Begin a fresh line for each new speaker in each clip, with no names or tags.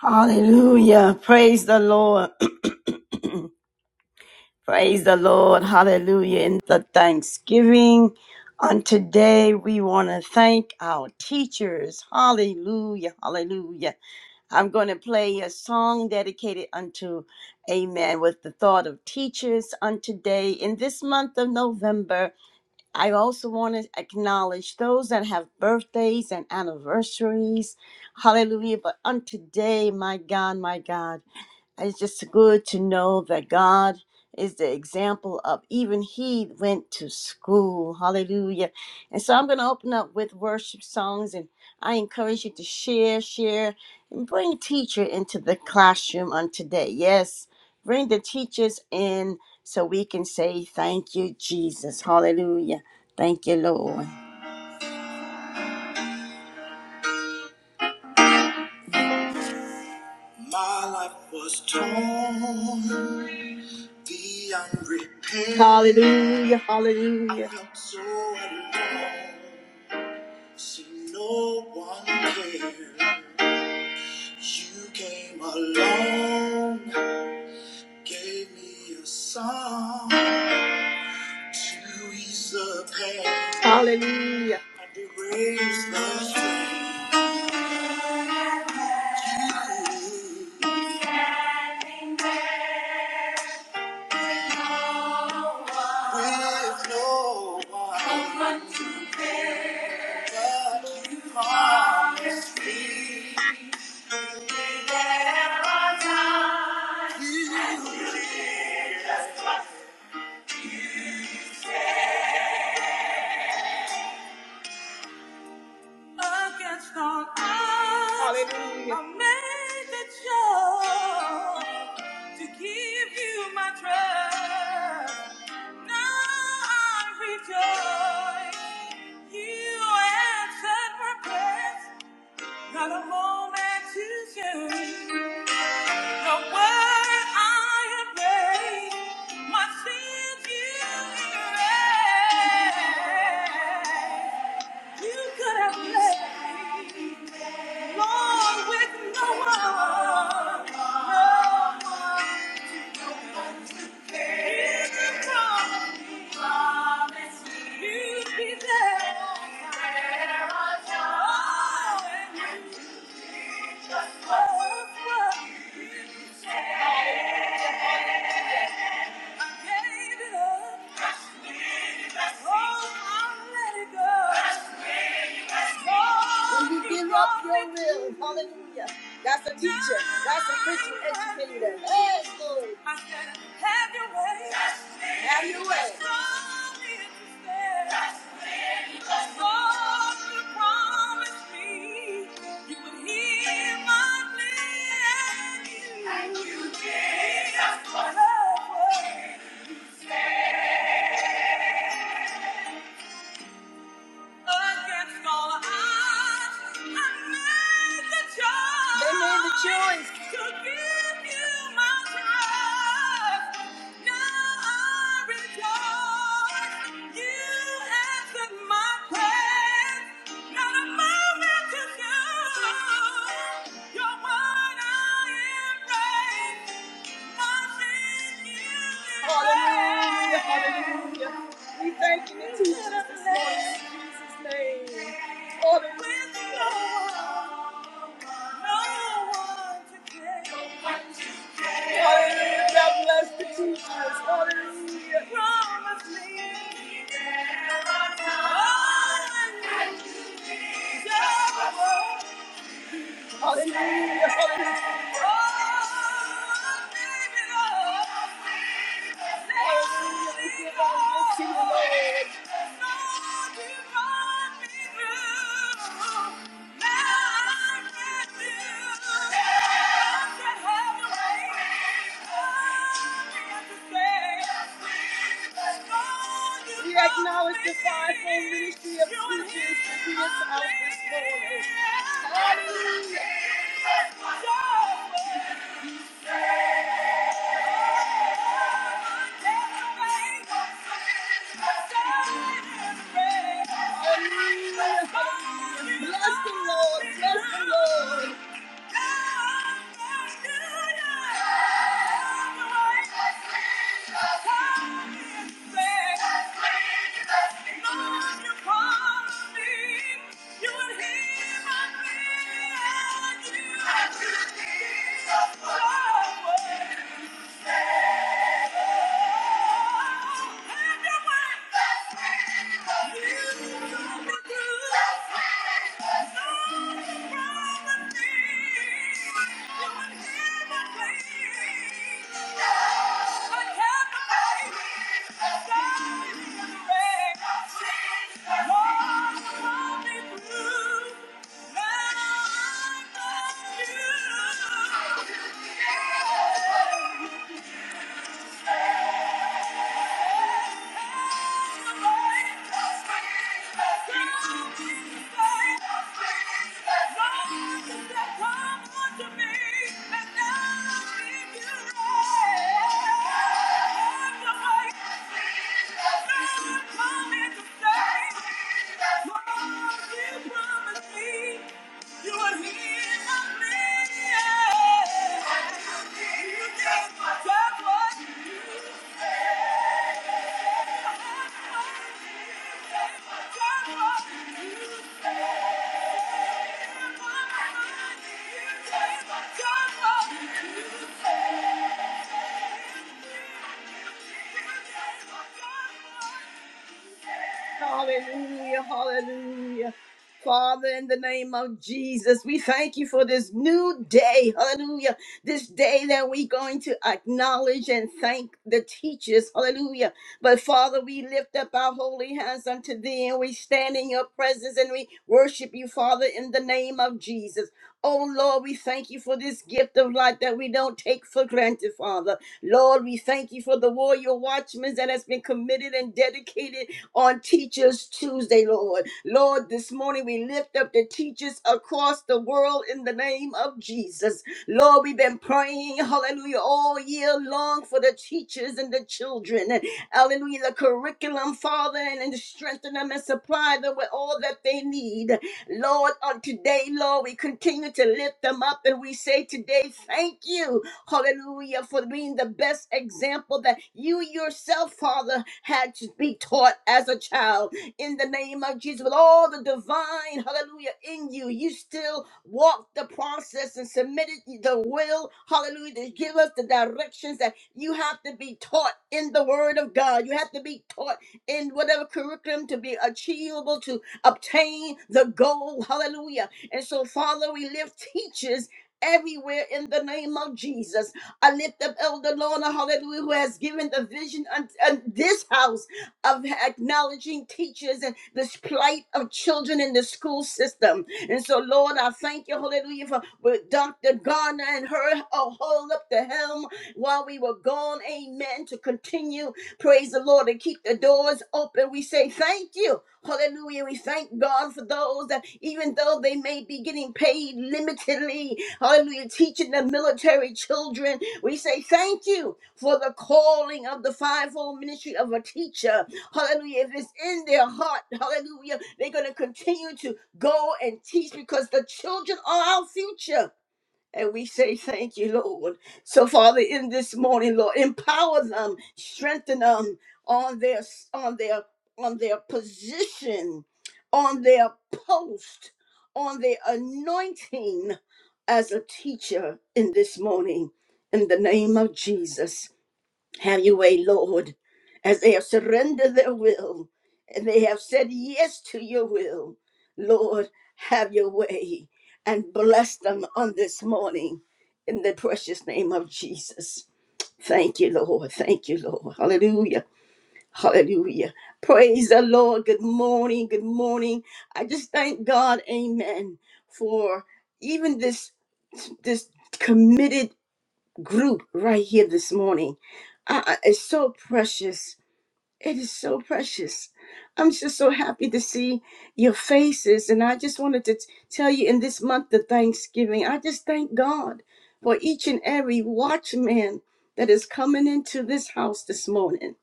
Hallelujah. Praise the Lord. Praise the Lord. Hallelujah. In the Thanksgiving on today, we want to thank our teachers. Hallelujah. Hallelujah. I'm going to play a song dedicated unto Amen with the thought of teachers on today. In this month of November, I also want to acknowledge those that have birthdays and anniversaries. Hallelujah. But on today, my God, my God. It's just good to know that God is the example of even He went to school. Hallelujah. And so I'm going to open up with worship songs and I encourage you to share, share, and bring teacher into the classroom on today. Yes, bring the teachers in so we can say thank you, Jesus. Hallelujah. Thank you, Lord. My life was torn The unrepaired. Hallelujah, hallelujah. I felt so alone. See, no one cared. You came along, gave me a song to ease the pain. Hallelujah. And erase the strain. With no one but you promised me. that I. against all odds. Hallelujah. I made the choice to give you my trust. Now I rejoice. You answered my prayers. Not a moment too soon. The word I have prayed, my sins you erased. You could have left me, Lord, with no one, no one to care. Every time You promised me you'd be there. There I am. Oh, and you did just what you said. I gave it up. When you give up your will, for a teacher, that's a Christian educator. I said, Have your way. Have your way. Show you stand. So you promised me you would hear my plea. And you did. That's what I was. Against all odds, I made the choice. They made the choice. To give you my trust. Now I rejoice. You answered my prayers. Not a moment to go. Your word I embrace. Nothing you Hallelujah, hallelujah. We thank you in Jesus' name. In Jesus' name. For the with no one, no one to Hallelujah. God bless the teachers. Hallelujah. Promise me. Hallelujah. Hallelujah. Hallelujah. Hallelujah, We give our will to you, Lord. You acknowledge the fivefold ministry of teachers that he is out this morning. Hallelujah. Hallelujah. Bless the Lord, bless the Lord. Yeah. Thank you. You are here for me. You just what you Thank you. Hallelujah, hallelujah. Father, in the name of Jesus, we thank you for this new day. Hallelujah. This day that we're going to acknowledge and thank the teachers. Hallelujah. But Father, we lift up our holy hands unto thee and we stand in your presence and we worship you, Father, in the name of Jesus. Oh Lord, we thank you for this gift of life that we don't take for granted, Father. Lord, we thank you for the warrior watchmen that has been committed and dedicated on Teachers Tuesday, Lord. Lord, this morning we lift up the teachers across the world in the name of Jesus. Lord, we've been praying, hallelujah, all year long for the teachers and the children. Hallelujah, the curriculum, Father, and, and strengthen them and supply them with all that what they need. Lord, on today, Lord, we continue to lift them up and we say today, thank you, hallelujah, for being the best example that you yourself, Father, had to be taught as a child. In the name of Jesus, with all the divine, hallelujah, in you, you still walked the process and submitted the will, hallelujah, to give us the directions that you have to be taught in the Word of God. You have to be taught in whatever curriculum to be achievable to obtain the goal. Hallelujah. And so, Father, we lift teachers everywhere in the name of Jesus. I lift up Elder Lorna, hallelujah, who has given the vision on, this house of acknowledging teachers and this plight of children in the school system. And so, Lord, I thank you, hallelujah, for with Dr. Garner and her oh, hold up the helm while we were gone, amen, to continue, praise the Lord, and keep the doors open. We say thank you. Hallelujah. We thank God for those that even though they may be getting paid limitedly, hallelujah, teaching the military children, we say thank you for the calling of the fivefold ministry of a teacher. Hallelujah. If it's in their heart, hallelujah, they're going to continue to go and teach because the children are our future. And we say thank you, Lord. So, Father, in this morning, Lord, empower them, strengthen them on their on their on their position, on their post, on their anointing as a teacher in this morning. In the name of Jesus. Have your way, Lord, as they have surrendered their will and they have said yes to your will. Lord, have your way and bless them on this morning in the precious name of Jesus. Thank you, Lord. Thank you, Lord. Hallelujah. Hallelujah. Praise the Lord. Good morning. Good morning. I just thank God, amen, for even this this committed group right here this morning. Uh, uh, it's so precious. It is so precious. I'm just so happy to see your faces. And I just wanted to t- tell you in this month of Thanksgiving, I just thank God for each and every watchman that is coming into this house this morning.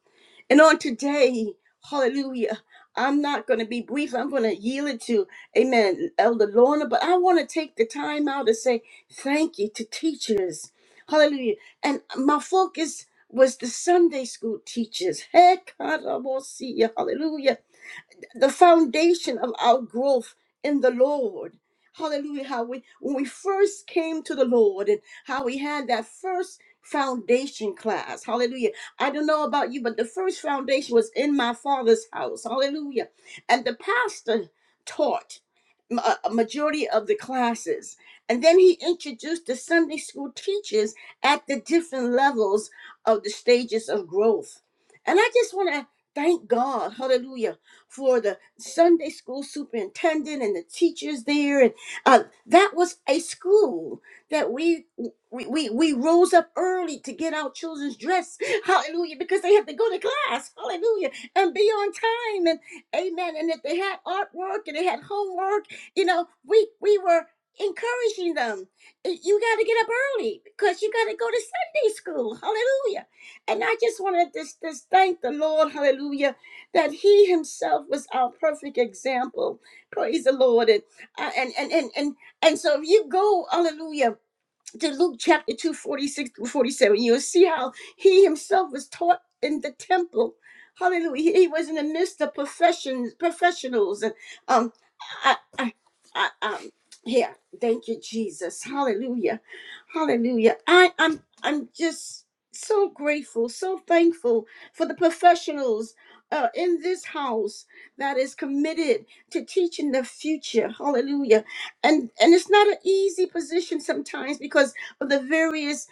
And on today, hallelujah, I'm not going to be brief. I'm going to yield it to, amen, Elder Lorna. But I want to take the time out to say thank you to teachers. Hallelujah. And my focus was the Sunday school teachers. Hey, God, I will see you, hallelujah the foundation of our growth in the Lord. Hallelujah. How we when we first came to the Lord and how we had that first foundation class. Hallelujah. I don't know about you, but the first foundation was in my father's house. Hallelujah. And the pastor taught ma- a majority of the classes. And then he introduced the Sunday school teachers at the different levels of the stages of growth. And I just want to thank God, hallelujah for the Sunday school superintendent and the teachers there. And uh, that was a school that we, we we we rose up early to get our children's dress. Hallelujah, because they had to go to class. Hallelujah, and be on time. And amen. And if they had artwork and they had homework, you know, we we were encouraging them. "Eh, You got to get up early because you got to go to Sunday school. Hallelujah. And I just wanted to just, just thank the Lord, hallelujah, that he himself was our perfect example. Praise the Lord. And, uh, and, and, and, and, and so if you go, hallelujah to Luke chapter 2, forty-six through 47, you'll see how he himself was taught in the temple. Hallelujah. He was in the midst of professions, professionals. And um I, I, I um here, thank you, Jesus. Hallelujah. Hallelujah. I, I'm I'm just so grateful, so thankful for the professionals uh, in this house that is committed to teaching the future. Hallelujah and and it's not an easy position sometimes because of the various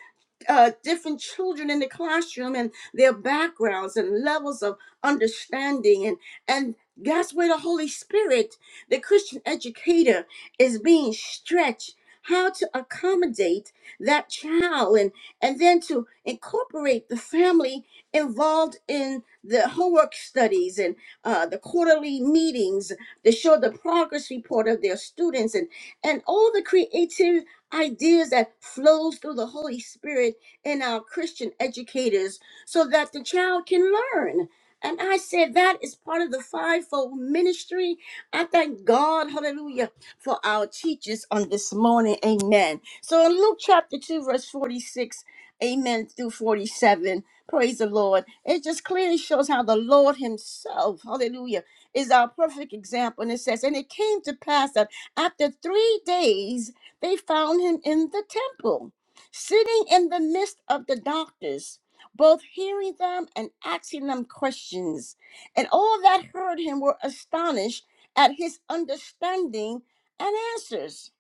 uh, different children in the classroom and their backgrounds and levels of understanding and and that's where the holy spirit the christian educator is being stretched how to accommodate that child and and then to incorporate the family involved in the homework studies and uh, the quarterly meetings to show the progress report of their students and, and all the creative ideas that flows through the Holy Spirit in our Christian educators so that the child can learn. And I said that is part of the fivefold ministry. I thank God, hallelujah, for our teachers on this morning. Amen. So in Luke chapter 2, verse 46, Amen through 47. Praise the Lord. It just clearly shows how the Lord Himself, hallelujah, is our perfect example. And it says, And it came to pass that after three days they found him in the temple, sitting in the midst of the doctors, both hearing them and asking them questions. And all that heard him were astonished at his understanding and answers.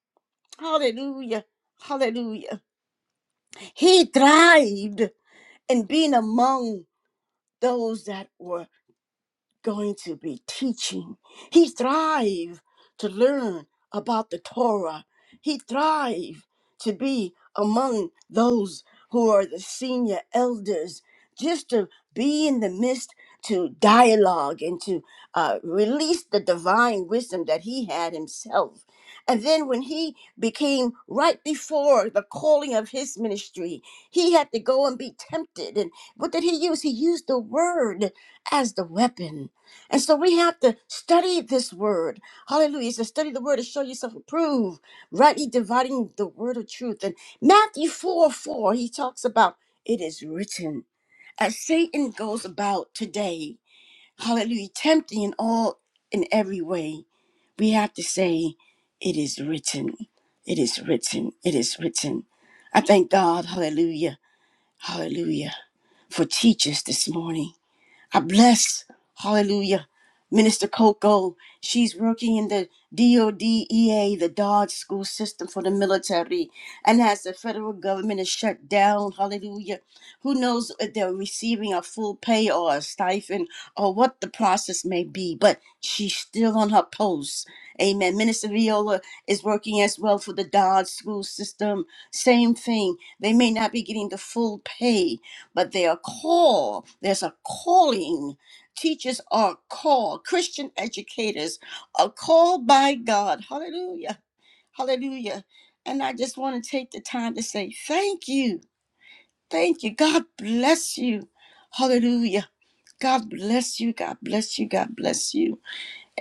Hallelujah. Hallelujah. He thrived and being among those that were going to be teaching. He thrived to learn about the Torah. He thrived to be among those who are the senior elders, just to be in the midst to dialogue and to uh, release the divine wisdom that he had himself. And then when he became right before the calling of his ministry, he had to go and be tempted. And what did he use? He used the word as the weapon and so we have to study this word. Hallelujah. It's to study the word to show yourself approved, rightly dividing the word of truth. And Matthew 4 oh 4, he talks about it is written. As Satan goes about today, hallelujah, tempting in all in every way, we have to say, It is written. It is written. It is written. I thank God, hallelujah, hallelujah, for teachers this morning. I bless, hallelujah, Minister Coco. She's working in the DODEA, the Dodge School System for the military. And as the federal government is shut down, hallelujah, who knows if they're receiving a full pay or a stipend or what the process may be, but she's still on her post. Amen. Minister Viola is working as well for the Dodge School System. Same thing. They may not be getting the full pay, but they are called. There's a calling. Teachers are called. Christian educators are called by God. Hallelujah. Hallelujah. And I just want to take the time to say thank you. Thank you. God bless you. Hallelujah. God bless you. God bless you. God bless you.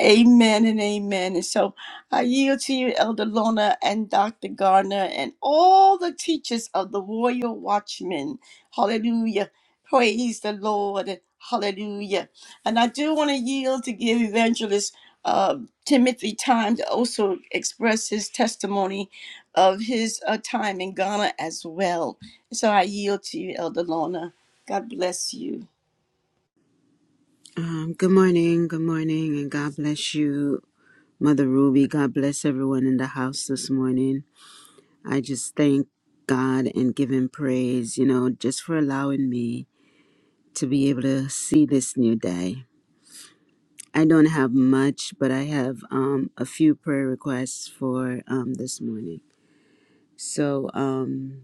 Amen and amen. And so I yield to you, Elder Lona and Dr. Garner and all the teachers of the Royal Watchmen. Hallelujah. Praise the Lord. Hallelujah. And I do want to yield to give Evangelist uh, Timothy time to also express his testimony of his uh, time in Ghana as well. So I yield to you, Elder Lona. God bless you.
Um, good morning, good morning, and God bless you, Mother Ruby. God bless everyone in the house this morning. I just thank God and give Him praise, you know, just for allowing me to be able to see this new day. I don't have much, but I have um, a few prayer requests for um, this morning. So um,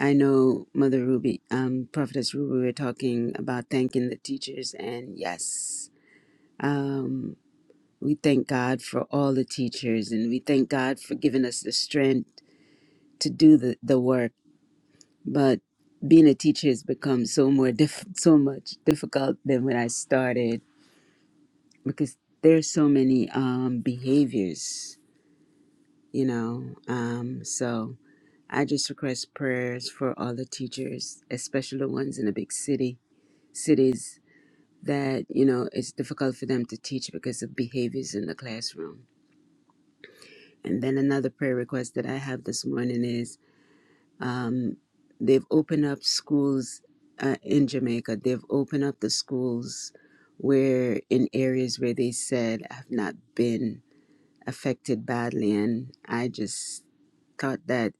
I know Mother Ruby, um, Prophetess Ruby, we were talking about thanking the teachers, and yes. Um, We thank God for all the teachers and we thank God for giving us the strength to do the, the work. But being a teacher has become so more diff- so much difficult than when I started because there's so many um, behaviors, you know. Um, so I just request prayers for all the teachers, especially the ones in the big city cities that you know it's difficult for them to teach because of behaviors in the classroom And then another prayer request that I have this morning is um, they've opened up schools uh, in Jamaica. They've opened up the schools where in areas where they said have not been affected badly. And I just thought that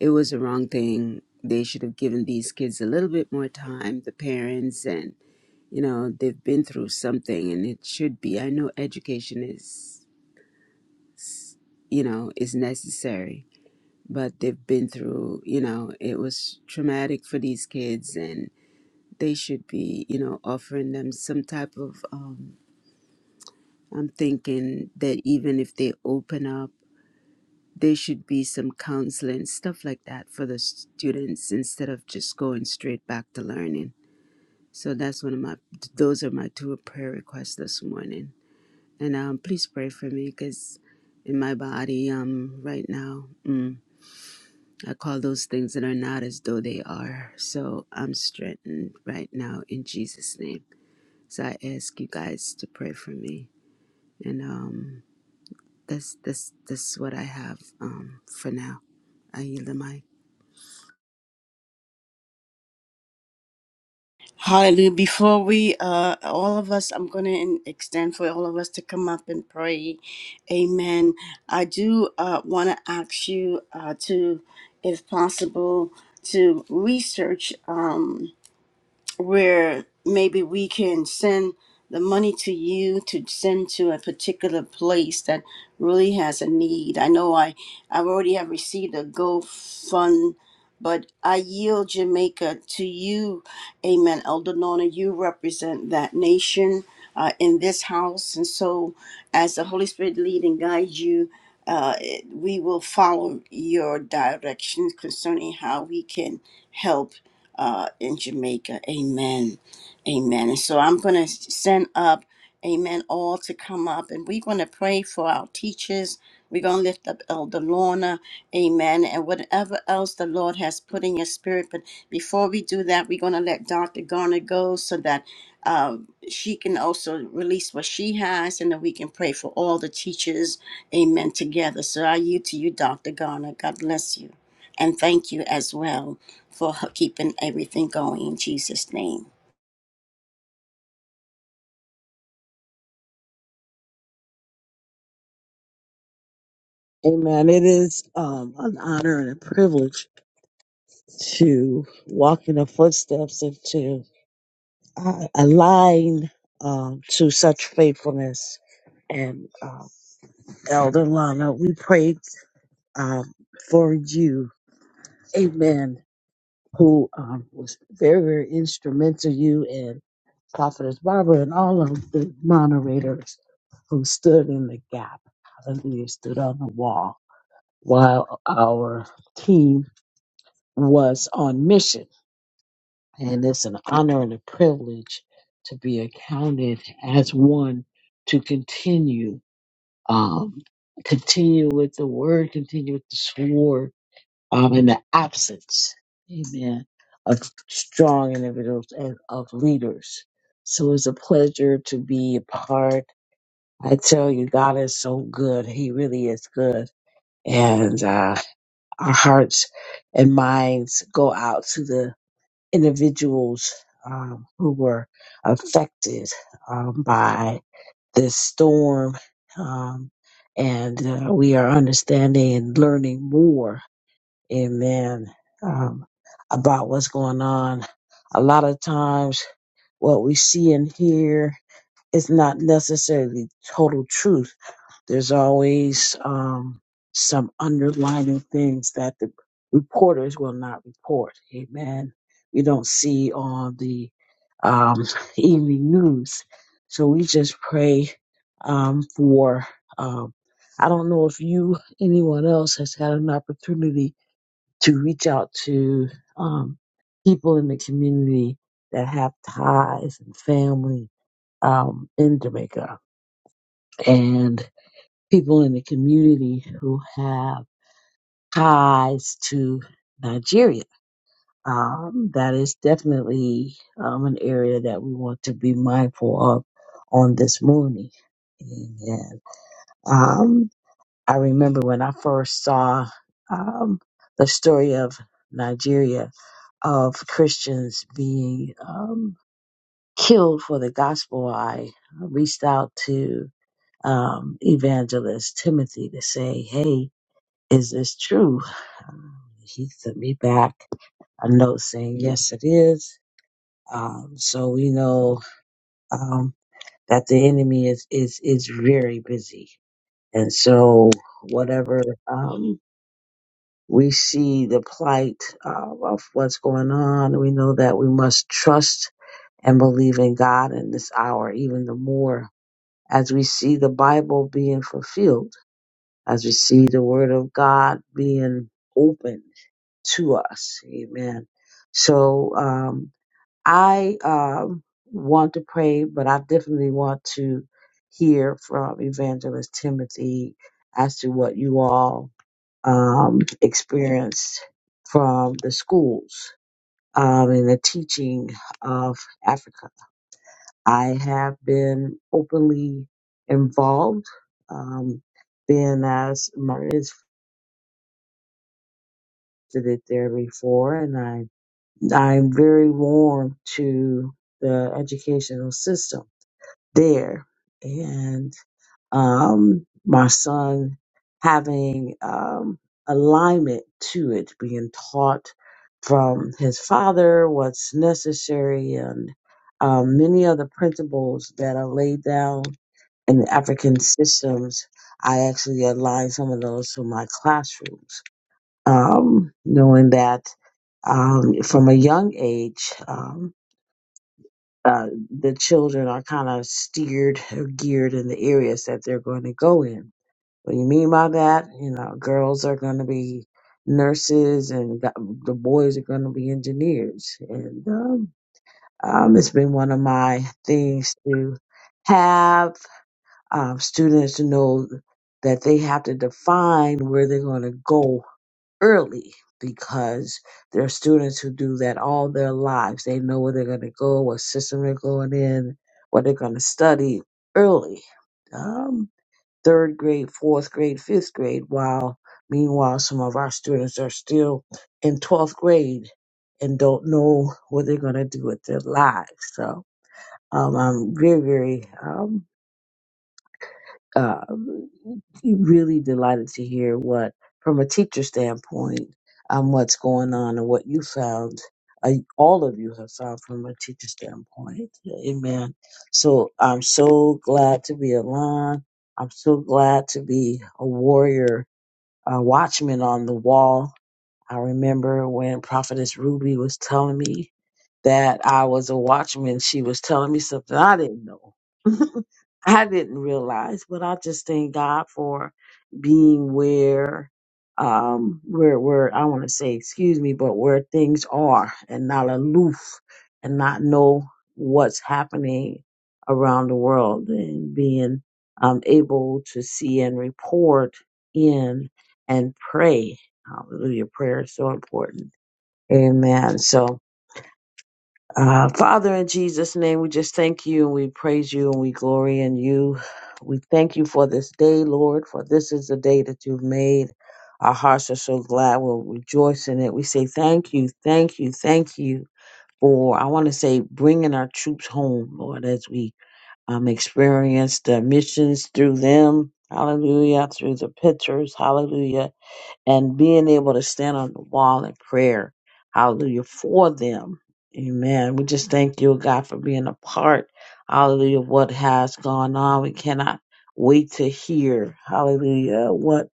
it was the wrong thing. They should have given these kids a little bit more time, the parents, and you know, they've been through something and it should be. I know education is, you know, is necessary but they've been through, you know, it was traumatic for these kids and they should be, you know, offering them some type of, um, I'm thinking that even if they open up, there should be some counseling, stuff like that for the students instead of just going straight back to learning. So that's one of my, those are my two prayer requests this morning. And um, please pray for me because in my body um, right now. Mm. I call those things that are not as though they are. So I'm strengthened right now in Jesus' name. So I ask you guys to pray for me. And um that's that's that's what I have um for now. I yield the mic.
Hallelujah. Before we, uh, all of us, I'm going to extend for all of us to come up and pray. Amen. I do uh, want to ask you uh, to, if possible, to research. Um, where maybe we can send the money to you to send to a particular place that really has a need. I know I i already have received a GoFund, but I yield Jamaica to you, Amen. Elder Nona, you represent that nation uh, in this house, and so as the Holy Spirit lead and guide you. Uh, we will follow your directions concerning how we can help uh, in Jamaica. Amen. Amen. And so I'm going to send up, amen, all to come up and we're going to pray for our teachers. We're going to lift up Elder Lorna. Amen. And whatever else the Lord has put in your spirit. But before we do that, we're going to let Dr. Garner go so that um, she can also release what she has and then we can pray for all the teachers. Amen. Together. So I yield to you, Dr. Garner. God bless you. And thank you as well for keeping everything going in Jesus' name.
Amen. It is um, an honor and a privilege to walk in the footsteps and to uh, align um, to such faithfulness. And uh, Elder Lana, we prayed um, for you. Amen. Who um, was very, very instrumental, you and Prophetess Barbara and all of the moderators who stood in the gap. Hallelujah, stood on the wall while our team was on mission. And it's an honor and a privilege to be accounted as one to continue, um, continue with the word, continue with the sword, um, in the absence, amen, of strong individuals and of leaders. So it's a pleasure to be a part. I tell you, God is so good. He really is good. And, uh, our hearts and minds go out to the individuals um, who were affected um, by this storm. Um, and uh, we are understanding and learning more, amen, um, about what's going on. A lot of times, what we see and hear is not necessarily total truth there's always um, some underlining things that the reporters will not report. Amen. We don't see on the um, evening news. So we just pray um, for. Um, I don't know if you, anyone else, has had an opportunity to reach out to um, people in the community that have ties and family um, in Jamaica people in the community who have ties to Nigeria. Um, that is definitely um, an area that we want to be mindful of on this morning. And um, I remember when I first saw um, the story of Nigeria of Christians being um, killed for the gospel. I reached out to um, evangelist Timothy to say, "Hey, Is this true? Um, He sent me back a note saying, yes, it is. Um, so we know um, that the enemy is, is, is very busy. And so whatever um, we see the plight uh, of what's going on, we know that we must trust and believe in God in this hour even the more as we see the Bible being fulfilled as we see the word of God being opened to us. Amen. So um, I um, want to pray, but I definitely want to hear from Evangelist Timothy as to what you all um, experienced from the schools um, and the teaching of Africa. I have been openly involved. Um, being as moderate did it there before, and I I'm very warm to the educational system there. And um, my son having um, alignment to it, being taught from his father what's necessary, and um, many other principles that are laid down in the African systems. I actually align some of those to my classrooms um, knowing that um, from a young age, um, uh, the children are kind of steered or geared in the areas that they're going to go in. What do you mean by that? You know, girls are going to be nurses and the the boys are going to be engineers. And um, um, it's been one of my things to have um, students to know that they have to define where they're going to go early because there are students who do that all their lives. They know where they're going to go, what system they're going in, what they're going to study early. Um, third grade, fourth grade, fifth grade, while meanwhile, some of our students are still in 12th grade and don't know what they're going to do with their lives. So um, I'm very, very um, uh, really delighted to hear what, from a teacher standpoint, um, what's going on and what you found. Uh, all of you have found from a teacher standpoint. Amen. So I'm so glad to be aligned. I'm so glad to be a warrior, a watchman on the wall I remember when Prophetess Ruby was telling me that I was a watchman, she was telling me something I didn't know. I didn't realize, but I just thank God for being where um where where I want to say excuse me, but where things are and not aloof and not know what's happening around the world and being um able to see and report in and pray Hallelujah. Prayer is so important. Amen. So, uh, Father, in Jesus' name, we just thank you and we praise you and we glory in you. We thank you for this day, Lord, for this is the day that you've made. Our hearts are so glad. We'll rejoice in it. We say thank you, thank you, thank you for, I want to say, bringing our troops home, Lord, as we um, experience the missions through them. Hallelujah. Through the pictures. Hallelujah and being able to stand on the wall in prayer. Hallelujah. For them. Amen. We just thank you, God, for being a part. Hallelujah. of What has gone on. We cannot wait to hear. Hallelujah. What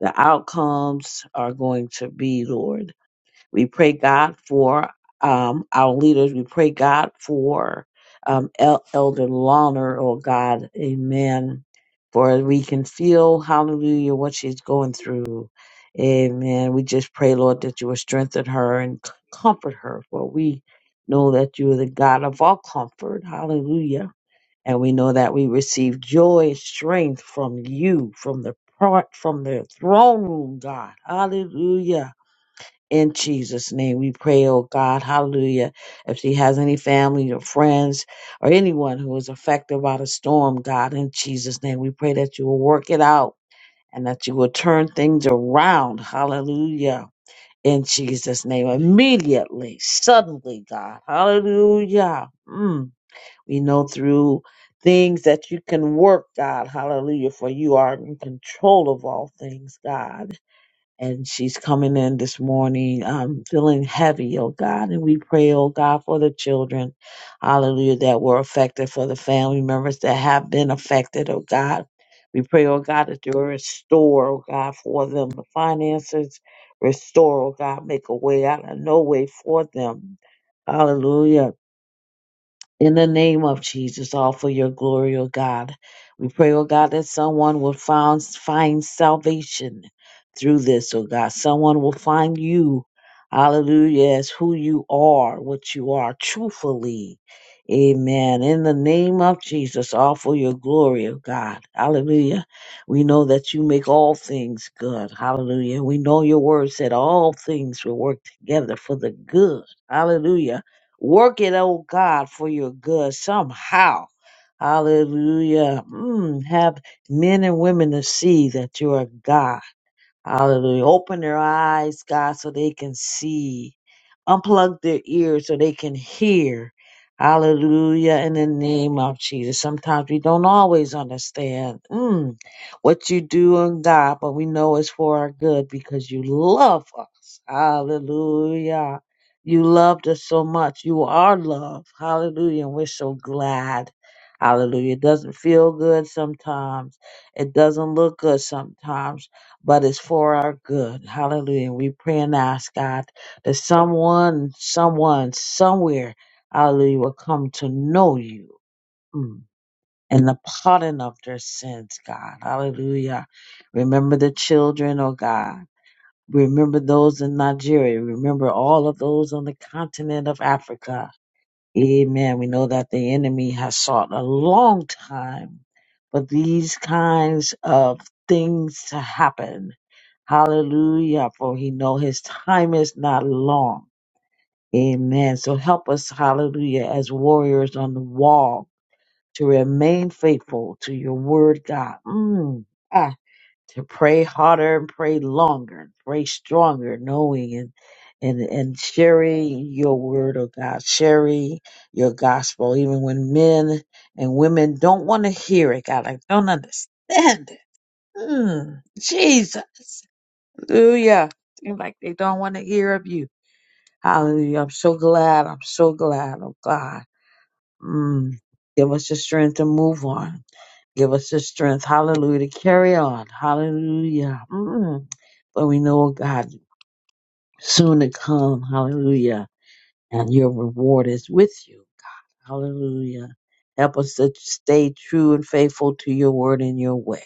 the outcomes are going to be, Lord. We pray God for um, our leaders. We pray God for um, El- Elder Lawner, oh God, amen. For we can feel, hallelujah, what she's going through. Amen. We just pray, Lord, that you will strengthen her and c- comfort her, for we know that you are the God of all comfort. Hallelujah. And we know that we receive joy, and strength from you, from the part, from the throne room, God. Hallelujah in Jesus' name we pray, oh God, hallelujah. If she has any family or friends or anyone who is affected by the storm, God, in Jesus' name we pray that you will work it out and that you will turn things around, hallelujah. In Jesus' name, immediately, suddenly, God, hallelujah. Mm. We know through things that you can work, God, hallelujah, for you are in control of all things, God and she's coming in this morning um, feeling heavy, oh God. And we pray, oh God, for the children, hallelujah, that were affected, for the family members that have been affected, oh God. We pray, oh God, that you restore, oh God, for them the finances, restore, oh God, make a way out of no way for them. Hallelujah. In the name of Jesus, all for your glory, O God. We pray, O God, that someone will found, find salvation through this, O God. Someone will find you, hallelujah, as who you are, what you are, truthfully. Amen. In the name of Jesus, all for your glory, O God. Hallelujah. We know that you make all things good. Hallelujah. We know your word said all things will work together for the good. Hallelujah Work it, oh God, for your good somehow. Hallelujah. Mm, have men and women to see that you are God Hallelujah. Open their eyes, God, so they can see. Unplug their ears so they can hear. Hallelujah. In the name of Jesus. Sometimes we don't always understand mm, what you do in God, but we know it's for our good because you love us. Hallelujah. You loved us so much. You are love. Hallelujah. And we're so glad. Hallelujah. It doesn't feel good sometimes. It doesn't look good sometimes but it's for our good. Hallelujah. And we pray and ask God that someone, someone, somewhere, hallelujah, will come to know you mm, and the pardon of their sins, God. Hallelujah. Remember the children, oh God. Remember those in Nigeria. Remember all of those on the continent of Africa. Amen. We know that the enemy has sought a long time for these kinds of things to happen. Hallelujah. For he know his time is not long. Amen. So help us, hallelujah, as warriors on the wall to remain faithful to your word, God. Mm. Ah to pray harder and pray longer and pray stronger, knowing and and and sharing your word of God, sharing your gospel, even when men and women don't want to hear it, God, like don't understand it. Mm, Jesus, Hallelujah! Seems like they don't want to hear of you. Hallelujah! I'm so glad. I'm so glad. Oh God, mm, give us the strength to move on Give us the strength. Hallelujah. To carry on. Hallelujah. Mm. But we know oh God soon to come. Hallelujah. And your reward is with you. Hallelujah. Help us to stay true and faithful to your word and your way.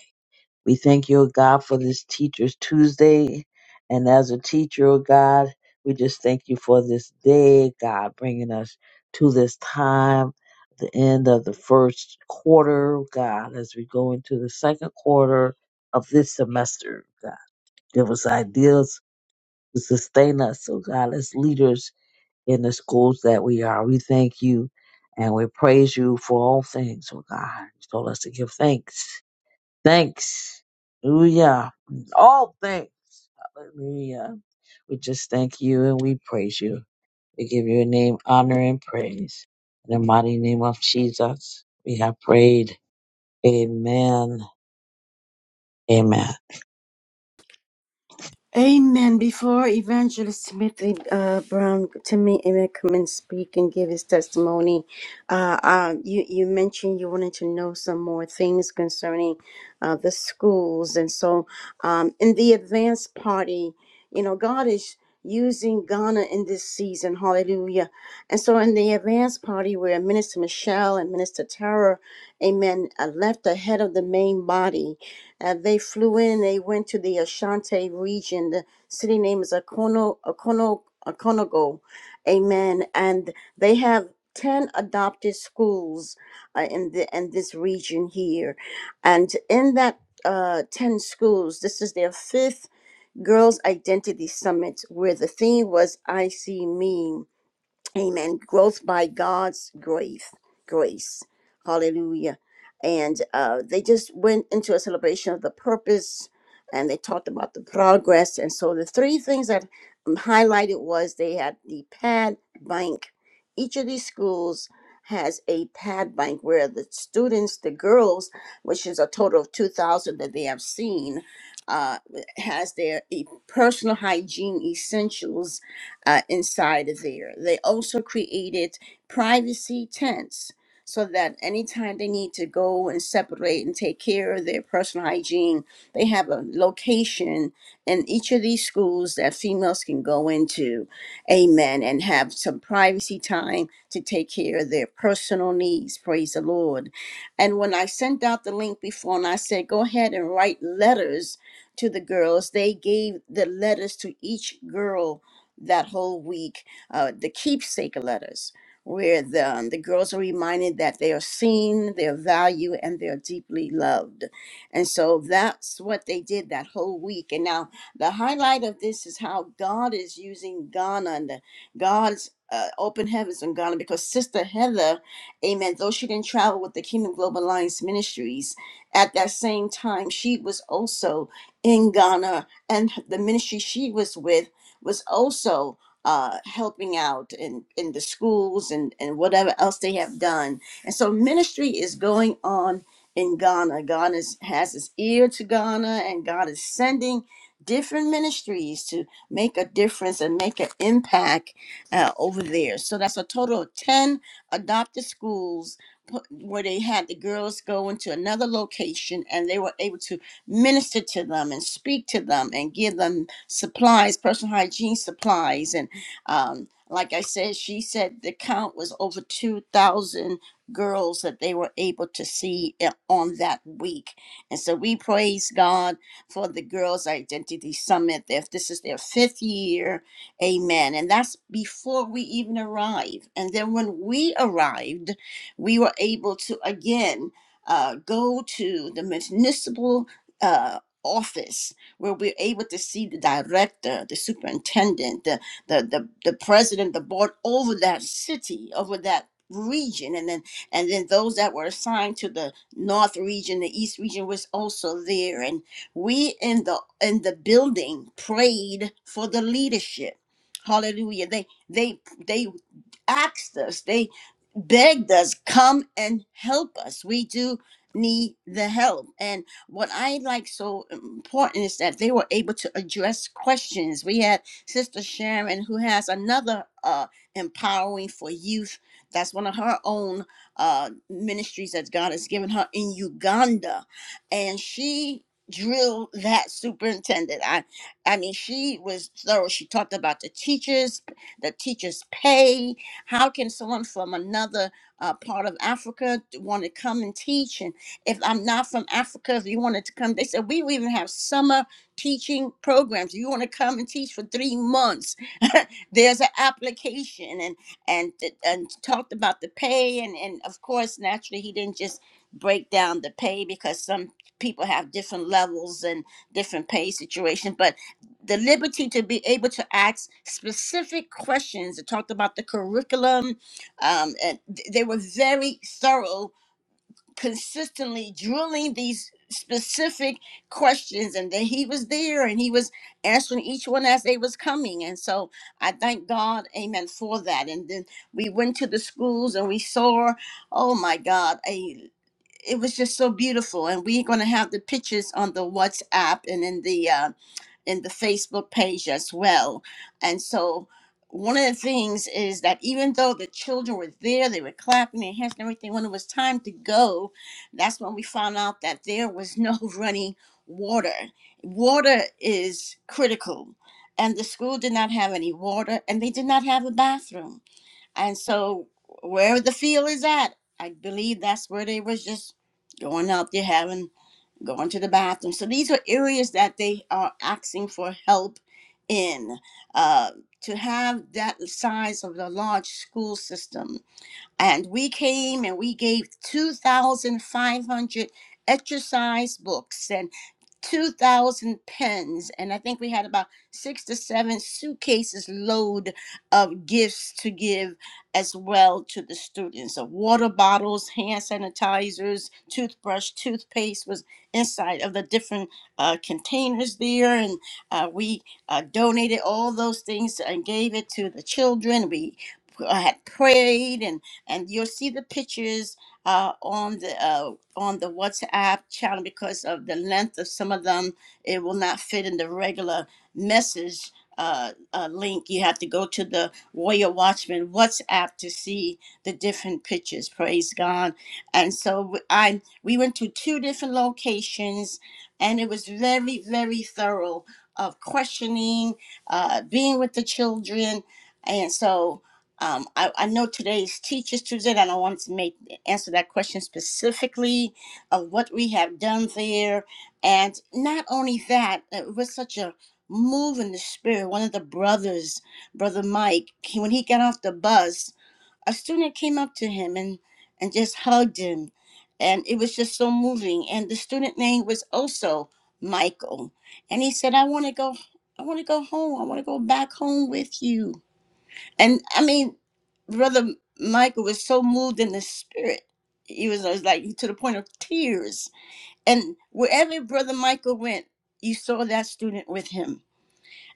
We thank you, O God, for this Teacher's Tuesday. And as a teacher, O God, we just thank you for this day, God, bringing us to this time, the end of the first quarter, God, as we go into the second quarter of this semester, God. Give us ideas to sustain us, oh God, as leaders in the schools that we are. We thank you and we praise you for all things, oh God. You told us to give thanks Thanks. Hallelujah. All thanks. Hallelujah. We just thank you and we praise you. We give your name honor and praise. In the mighty name of Jesus, we have prayed. Amen. Amen.
Amen. Before Evangelist Timothy uh, Brown, Timmy Amen, come and speak and give his testimony, uh, uh, you, you mentioned you wanted to know some more things concerning uh, the schools. And so um, in the advanced party, you know, God is using Ghana in this season. Hallelujah. And so in the advanced party where Minister Michelle and Minister Tara, amen, uh, left ahead of the main body, uh, they flew in, they went to the Ashanti region. The city name is Akono, Akono, Akonogo. Amen. And they have 10 adopted schools uh, in, the, in this region here. And in that uh, 10 schools, this is their fifth Girls Identity Summit, where the theme was I See Me Amen. Growth by God's grace. Grace. Hallelujah. And uh, they just went into a celebration of the purpose and they talked about the progress. And so the three things that um, highlighted was they had the pad bank. Each of these schools has a pad bank where the students, the girls, which is a total of 2,000 that they have seen, uh, has their e- personal hygiene essentials uh, inside of there. They also created privacy tents so that anytime they need to go and separate and take care of their personal hygiene, they have a location in each of these schools that females can go into, amen, and have some privacy time to take care of their personal needs. Praise the Lord. And when I sent out the link before and I said, go ahead and write letters to the girls, they gave the letters to each girl that whole week, uh, the keepsake letters, where the, um, the girls are reminded that they are seen, they're valued, and they're deeply loved. And so that's what they did that whole week. And now the highlight of this is how God is using Ghana and the, God's uh, open heavens in Ghana because Sister Heather, amen, though she didn't travel with the Kingdom Global Alliance Ministries, at that same time, she was also in Ghana and the ministry she was with was also uh, helping out in, in the schools and, and whatever else they have done. And so ministry is going on in Ghana. God is, has his ear to Ghana, and God is sending different ministries to make a difference and make an impact uh, over there. So that's a total of 10 adopted schools pu- where they had the girls go into another location and they were able to minister to them and speak to them and give them supplies, personal hygiene supplies. And um, like I said, she said the count was over 2,000 girls that they were able to see i- on that week. And so we praise God for the Girls Identity Summit. If this is their fifth year, amen. And that's before we even arrived. And then when we arrived, we were able to again uh, go to the municipal uh, office where we're able to see the director, the superintendent, the, the, the, the president, the board over that city, over that region and then and then those that were assigned to the north region the east region was also there and we in the in the building prayed for the leadership hallelujah they they they asked us, they begged us, come and help us. We do need the help. And what I like so important is that they were able to address questions. We had Sister Sharon, who has another uh, empowering for youth. That's one of her own uh, ministries that God has given her in Uganda. And she drilled that superintendent. I I mean she was thorough. She talked about the teachers, the teachers pay. How can someone from another uh, part of Africa want to come and teach? And if I'm not from Africa, if you wanted to come, they said, we even have summer teaching programs. You want to come and teach for three months? There's an application and, and, and talked about the pay. And, and of course, naturally, he didn't just break down the pay because some people have different levels and different pay situations. But the liberty to be able to ask specific questions. It talked about the curriculum, um, and th- they were very thorough, consistently drilling these specific questions. And then he was there, and he was answering each one as they was coming. And so I thank God, Amen, for that. And then we went to the schools, and we saw, oh my God, a it was just so beautiful, and we're going to have the pictures on the WhatsApp and in the uh, in the Facebook page as well. And so one of the things is that even though the children were there, they were clapping their hands and everything, when it was time to go, that's when we found out that there was no running water. Water is critical. And the school did not have any water and they did not have a bathroom. And so where the field is at, I believe that's where they was just going out there having going to the bathroom. So these are areas that they are asking for help in. Uh, to have that size of the large school system and we came and we gave 2,500 exercise books and 2,000 pens. And I think we had about six to seven suitcases load of gifts to give as well to the students. So water bottles, hand sanitizers, toothbrush, toothpaste was inside of the different uh, containers there. And uh, we uh, donated all those things and gave it to the children. We uh, had prayed and and you'll see the pictures uh, on the uh, on the WhatsApp channel because of the length of some of them. It will not fit in the regular message. Uh, uh, link you have to go to the Warrior Watchman WhatsApp to see the different pictures. Praise God! And so I we went to two different locations, and it was very very thorough of questioning, uh, being with the children, and so um, I, I know today's Teachers Tuesday, and I wanted to make answer that question specifically of what we have done there, and not only that, uh, it was such a move in the spirit. One of the brothers, brother Mike, he, when he got off the bus, a student came up to him and and just hugged him, and it was just so moving. And the student name was also Michael, and he said, "I want to go. I want to go home. I want to go back home with you." And I mean, Brother Michael was so moved in the spirit. He was, was like to the point of tears. And wherever Brother Michael went, you saw that student with him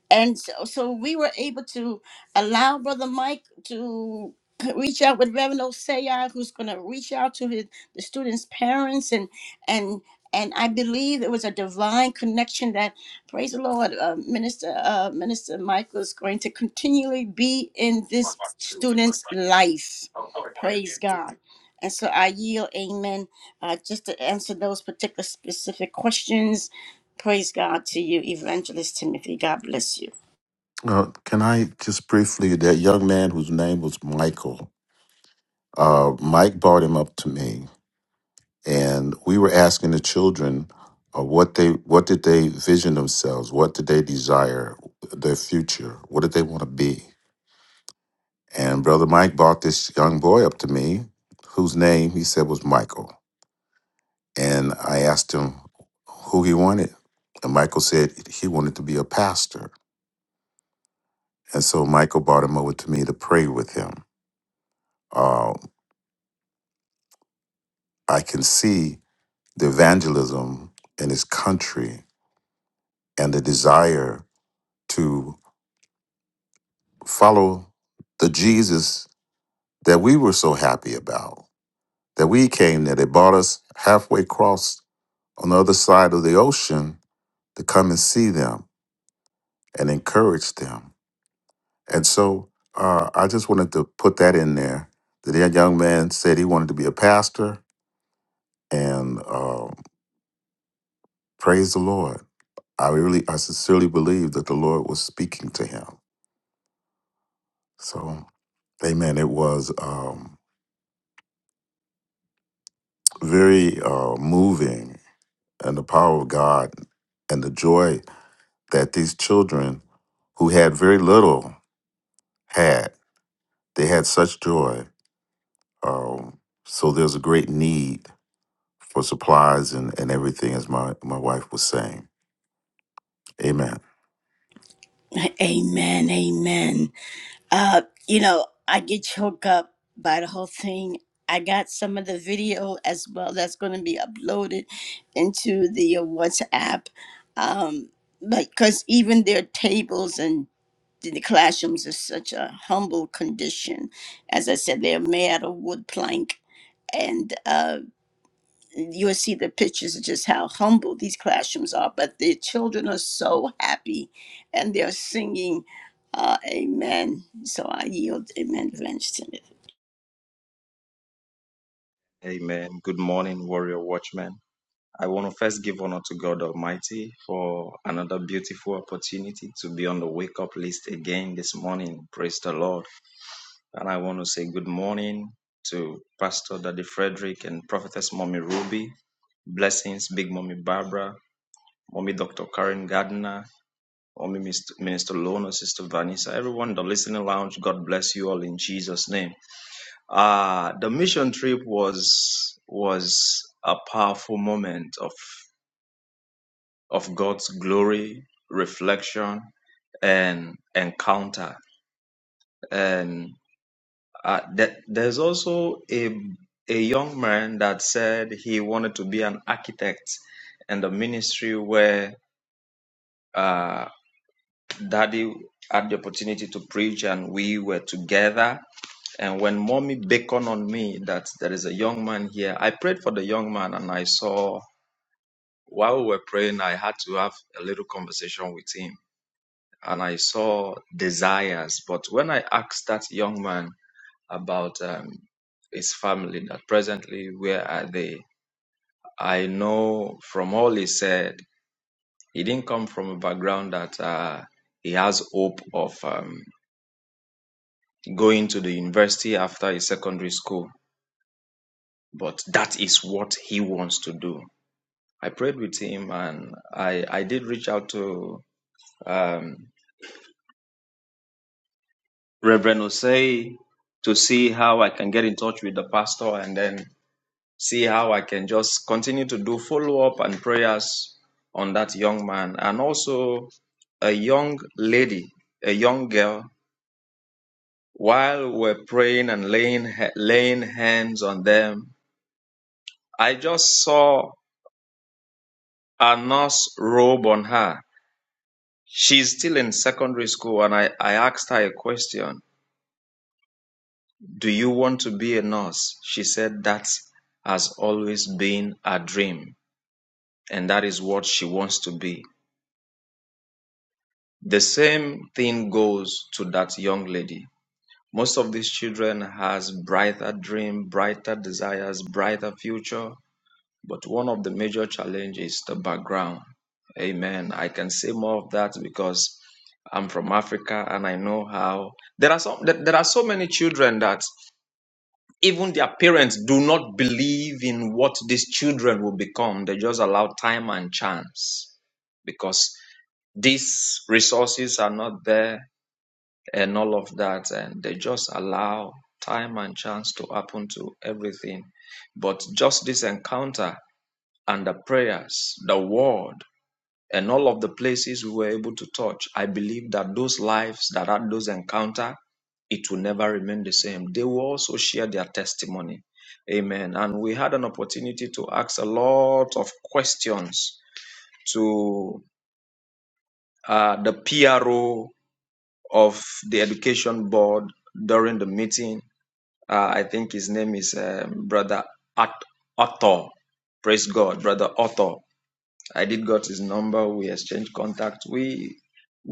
and so, so we were able to allow brother mike to reach out with reverend osaya who's going to reach out to his the students parents and and and i believe it was a divine connection that praise the lord uh, minister uh, minister michael is going to continually be in this student's life praise god and so i yield amen uh, just to answer those particular specific questions praise god to you evangelist timothy god bless you
Uh, can I just briefly, that young man whose name was Michael, uh, Mike brought him up to me, and we were asking the children uh, what they, what did they vision themselves, what did they desire, their future, what did they want to be, and brother Mike brought this young boy up to me, whose name he said was Michael, and I asked him who he wanted, and Michael said he wanted to be a pastor, and so Michael brought him over to me to pray with him uh, I can see the evangelism in his country and the desire to follow the Jesus that we were so happy about. That we came there, they brought us halfway across on the other side of the ocean to come and see them and encourage them. And so uh, I just wanted to put that in there. That that young man said he wanted to be a pastor, and uh, praise the Lord. I really, I sincerely believe that the Lord was speaking to him So, amen. It was um, very uh, moving and the power of God and the joy that these children who had very little had. They had such joy. Um, so, there's a great need for supplies and, and everything, as my, my wife was saying. Amen.
Amen. Amen. Uh, you know, I get choked up by the whole thing. I got some of the video as well that's going to be uploaded into the uh, WhatsApp. Um, but because even their tables and the classrooms is such a humble condition. As I said, they're made out of wood plank. And uh, you'll see the pictures of just how humble these classrooms are, but their children are so happy and they're singing uh, Amen. So I yield Amen, Evangelist Timothy.
Amen. Good morning, warrior watchmen. I want to first give honor to God Almighty for another beautiful opportunity to be on the wake up list again this morning. Praise the Lord. And I want to say good morning to Pastor Daddy Frederick and Prophetess Mommy Ruby. Blessings, Big Mommy Barbara, Mommy Dr. Karen Gardner, Mommy Mist- Minister Lona, Sister Vanessa, everyone in the listening lounge. God bless you all in Jesus' name. Uh, the mission trip was was a powerful moment of of God's glory, reflection, and encounter. And uh, th- there's also a a young man that said he wanted to be an architect, and the ministry where uh, Daddy had the opportunity to preach, and we were together And when mommy beckoned on me that there is a young man here, I prayed for the young man and I saw while we were praying, I had to have a little conversation with him and I saw desires. But when I asked that young man about um, his family, that presently where are they, I know from all he said, he didn't come from a background that uh, he has hope of um, going to the university after his secondary school but that is what he wants to do. I prayed with him and I, I did reach out to um, Reverend Osei to see how I can get in touch with the pastor and then see how I can just continue to do follow up and prayers on that young man and also a young lady, a young girl. While we're praying and laying laying hands on them, I just saw a nurse robe on her She's still in secondary school, and I, I asked her a question Do you want to be a nurse? She said that has always been her dream, and that is what she wants to be. The same thing goes to that young lady. Most of these children has brighter dream, brighter desires, brighter future, But one of the major challenges is the background. Amen. I can say more of that because I'm from Africa and I know how there are some there there are so many children that even their parents do not believe in what these children will become. They just allow time and chance because these resources are not there and all of that and they just allow time and chance to happen to everything. But just this encounter and the prayers, the word, and all of the places we were able to touch, I believe that those lives that had those encounter, it will never remain the same. They will also share their testimony. Amen. And we had an opportunity to ask a lot of questions to uh, the PRO of the Education Board during the meeting. Uh, I think his name is um, Brother At- Otto. Praise God, Brother Otto. I did got his number. We exchanged contact. We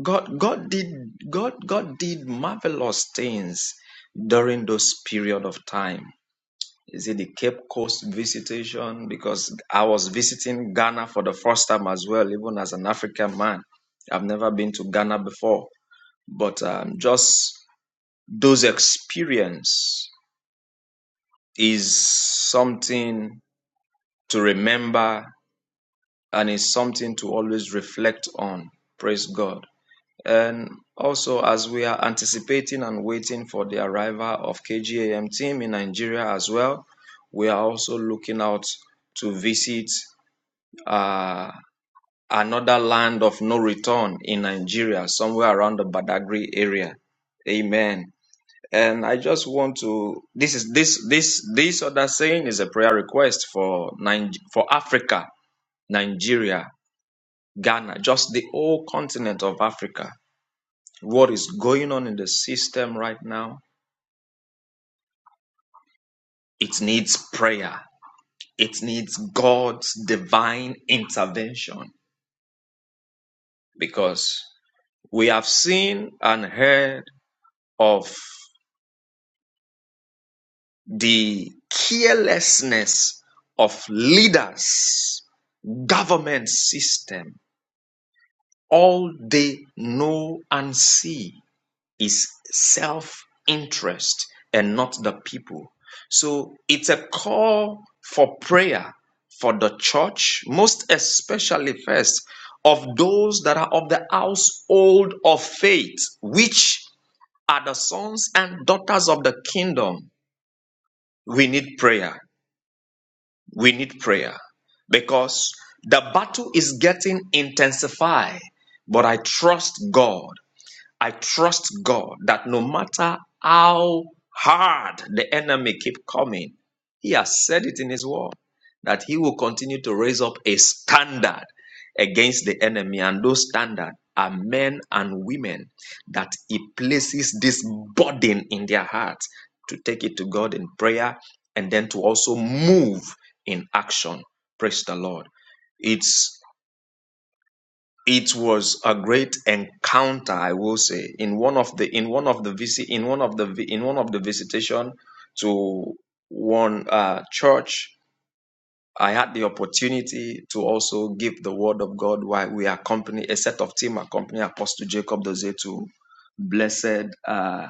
God God did God God did marvelous things during those period of time. Is it the Cape Coast visitation? Because I was visiting Ghana for the first time as well, even as an African man. I've never been to Ghana before, but um, just those experience is something to remember and is something to always reflect on. Praise God. And also, as we are anticipating and waiting for the arrival of KGAM team in Nigeria as well, we are also looking out to visit uh, another land of no return in Nigeria, somewhere around the Badagry area. Amen. And I just want to this is this this this other saying is a prayer request for Nig- for Africa, Nigeria, Ghana, just the whole continent of Africa. What is going on in the system right now? It needs prayer. It needs God's divine intervention because we have seen and heard of the carelessness of leaders, government system, all they know and see. is self interest and not the people. So it's a call for prayer for the church, most especially first of those that are of the household of faith, which are the sons and daughters of the kingdom. We need prayer. We need prayer because the battle is getting intensified. But I trust God I trust God that no matter how hard the enemy keep coming, he has said it in his word that he will continue to raise up a standard against the enemy and those standard are men and women that he places this burden in their heart to take it to God in prayer and then to also move in action. Praise the Lord. It's it was a great encounter, I will say, in one of the in one of the visit in one of the vi- in one of the visitation to one uh, church. I had the opportunity to also give the word of God while we accompany a set of team accompany Apostle Jacob Doze to blessed uh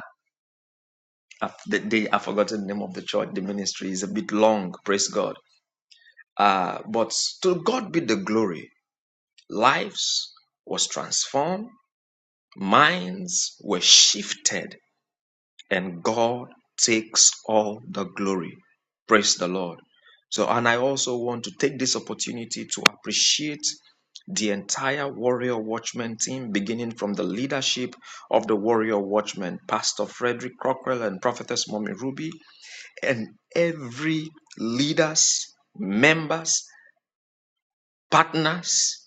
I've- the day I've forgotten the name of the church, the ministry is a bit long, praise God. Uh but to God be the glory. Lives was transformed Minds were shifted, and God takes all the glory. Praise the Lord. So, and I also want to take this opportunity to appreciate the entire Warrior Watchman team, beginning from the leadership of the Warrior Watchman, Pastor Frederick Crockrell and Prophetess Mommy Ruby, and every leaders, members, partners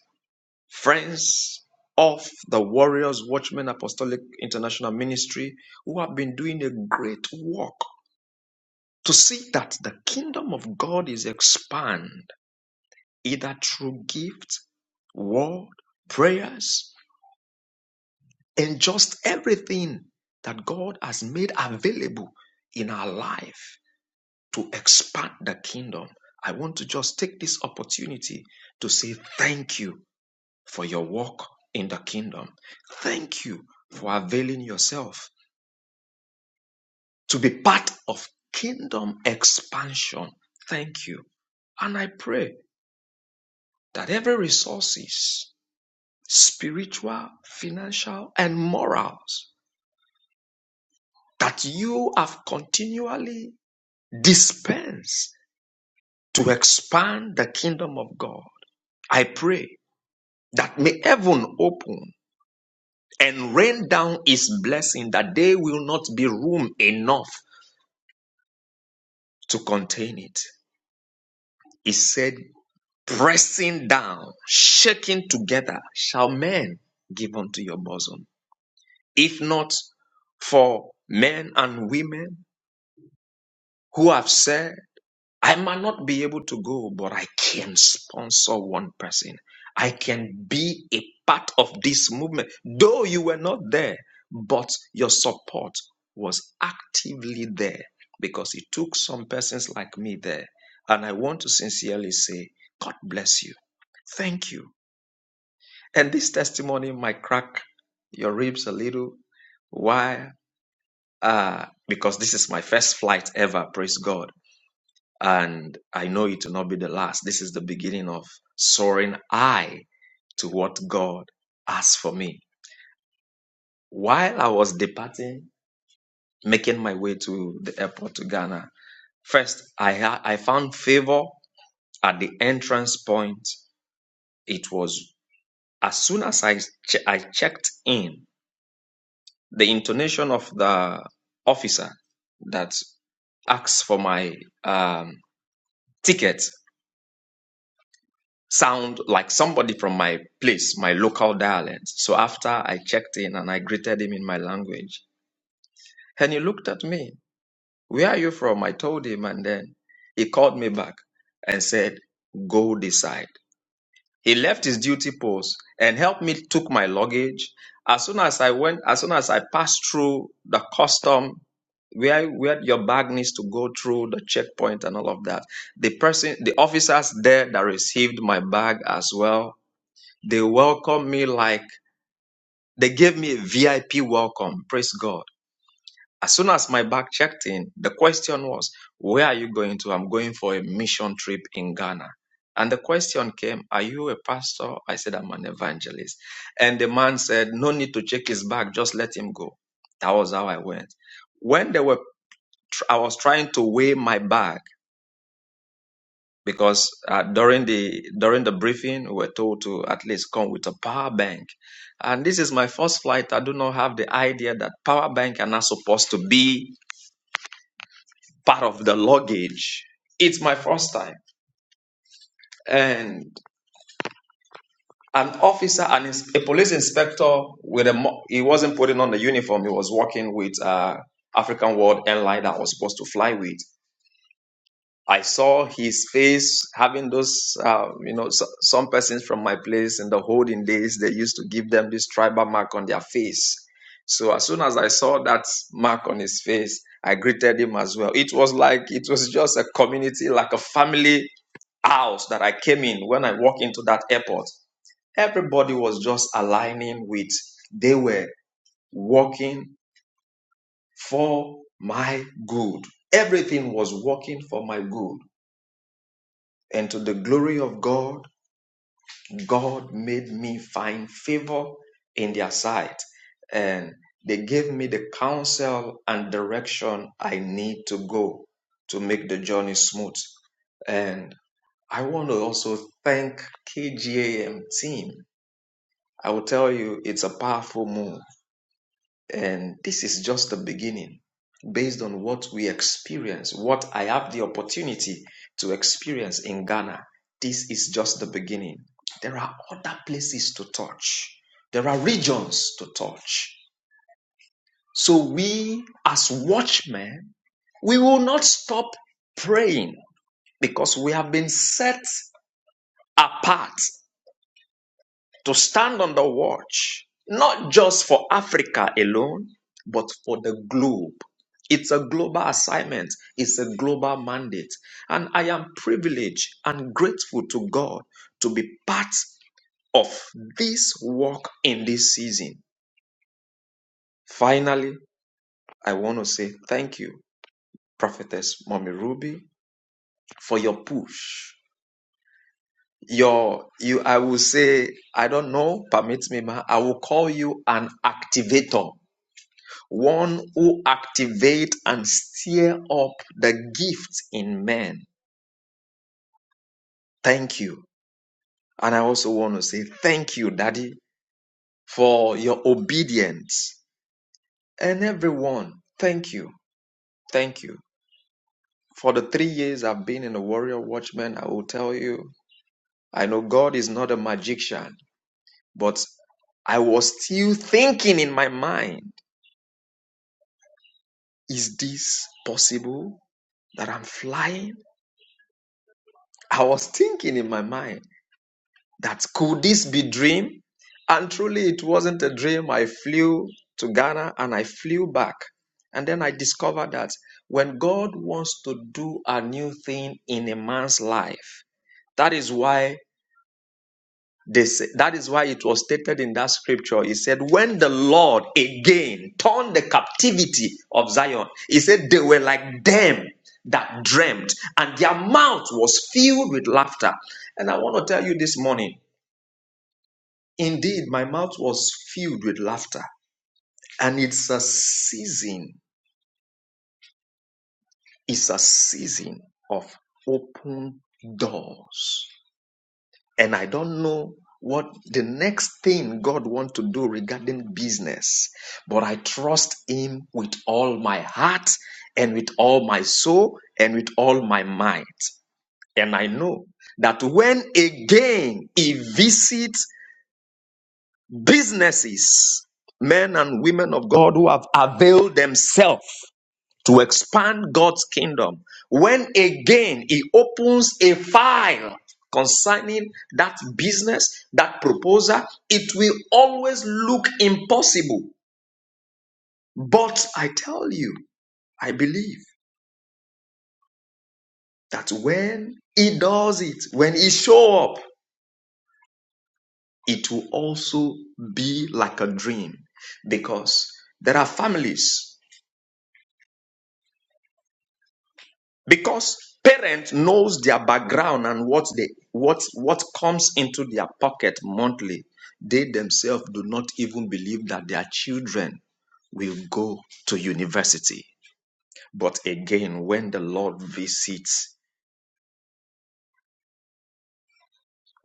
friends of the Warriors Watchmen Apostolic International Ministry who have been doing a great work to see that the kingdom of God is expanded either through gift, word, prayers, and just everything that God has made available in our life to expand the kingdom. I want to just take this opportunity to say thank you for your work in the kingdom. Thank you for availing yourself to be part of kingdom expansion. Thank you. And I pray that every resources, spiritual, financial, and morals that you have continually dispensed to expand the kingdom of God. I pray that may heaven open and rain down his blessing that there will not be room enough to contain it. He said, pressing down, shaking together, shall men give unto your bosom. If not for men and women who have said, I might not be able to go, but I can sponsor one person. I can be a part of this movement. Though you were not there, but your support was actively there because it took some persons like me there. And I want to sincerely say, God bless you. Thank you. And this testimony might crack your ribs a little. Why? Uh, because this is my first flight ever, praise God and I know it will not be the last. This is the beginning of soaring high to what God has for me. While I was departing, making my way to the airport to Ghana, first I ha- I found favor at the entrance point. It was as soon as I che- I checked in, the intonation of the officer that asked for my um, ticket sound like somebody from my place, my local dialect. So after I checked in and I greeted him in my language, and he looked at me, Where are you from? I told him, and then he called me back and said, Go decide. He left his duty post and helped me took my luggage. As soon as I went, as soon as I passed through the custom where where your bag needs to go through the checkpoint and all of that, the person, the officers there that received my bag as well they welcomed me like they gave me a VIP welcome. Praise God. As soon as my bag checked in, the question was, Where are you going to? I'm going for a mission trip in Ghana. And the question came, Are you a pastor? I said, I'm an evangelist. And the man said, No need to check his bag, just let him go. That was how I went. When they were, I was trying to weigh my bag because uh, during the during the briefing we were told to at least come with a power bank and this is my first flight i do not have the idea that power bank are not supposed to be part of the luggage it's my first time and an officer and a police inspector with a mo- he wasn't putting on the uniform he was working with uh african world airline that I was supposed to fly with I saw his face having those, uh, you know, so, some persons from my place in the holding days, they used to give them this tribal mark on their face. So as soon as I saw that mark on his face, I greeted him as well. It was like, it was just a community, like a family house that I came in when I walked into that airport. Everybody was just aligning with, they were working for my good. Everything was working for my good. And to the glory of God, God made me find favor in their sight. And they gave me the counsel and direction I need to go to make the journey smooth. And I want to also thank KGAM team. I will tell you, it's a powerful move and this is just the beginning based on what we experience, what I have the opportunity to experience in Ghana. This is just the beginning. There are other places to touch, there are regions to touch. So, we as watchmen, we will not stop praying because we have been set apart to stand on the watch, not just for Africa alone, but for the globe. It's a global assignment, it's a global mandate. And I am privileged and grateful to God to be part of this work in this season. Finally, I want to say thank you, Prophetess Mommy Ruby, for your push. Your, you, I will say, I don't know, permit me, ma, I will call you an activator one who activate and stir up the gift in men. Thank you. And I also want to say thank you, Daddy, for your obedience. And everyone, thank you. Thank you. For the three years I've been in the Warrior Watchman, I will tell you, I know God is not a magician, but I was still thinking in my mind, is this possible that I'm flying? I was thinking in my mind. that could this be dream? And truly it wasn't a dream. I flew to Ghana and I flew back. And then I discovered that when God wants to do a new thing in a man's life, that is why they say, that is why it was stated in that scripture. He said, When the Lord again turned the captivity of Zion, he said they were like them that dreamt, and their mouth was filled with laughter. And I want to tell you this morning. Indeed, my mouth was filled with laughter. And it's a season, it's a season of open doors. And I don't know what the next thing God wants to do regarding business, but I trust Him with all my heart and with all my soul and with all my might. And I know that when again He visits businesses, men and women of God who have availed themselves to expand God's kingdom. When again he opens a file concerning that business, that proposal, it will always look impossible. But I tell you, I believe that when he does it, when he show up, it will also be like a dream because there are families because parents knows their background and what they what what comes into their pocket monthly they themselves do not even believe that their children will go to university but again when the lord visits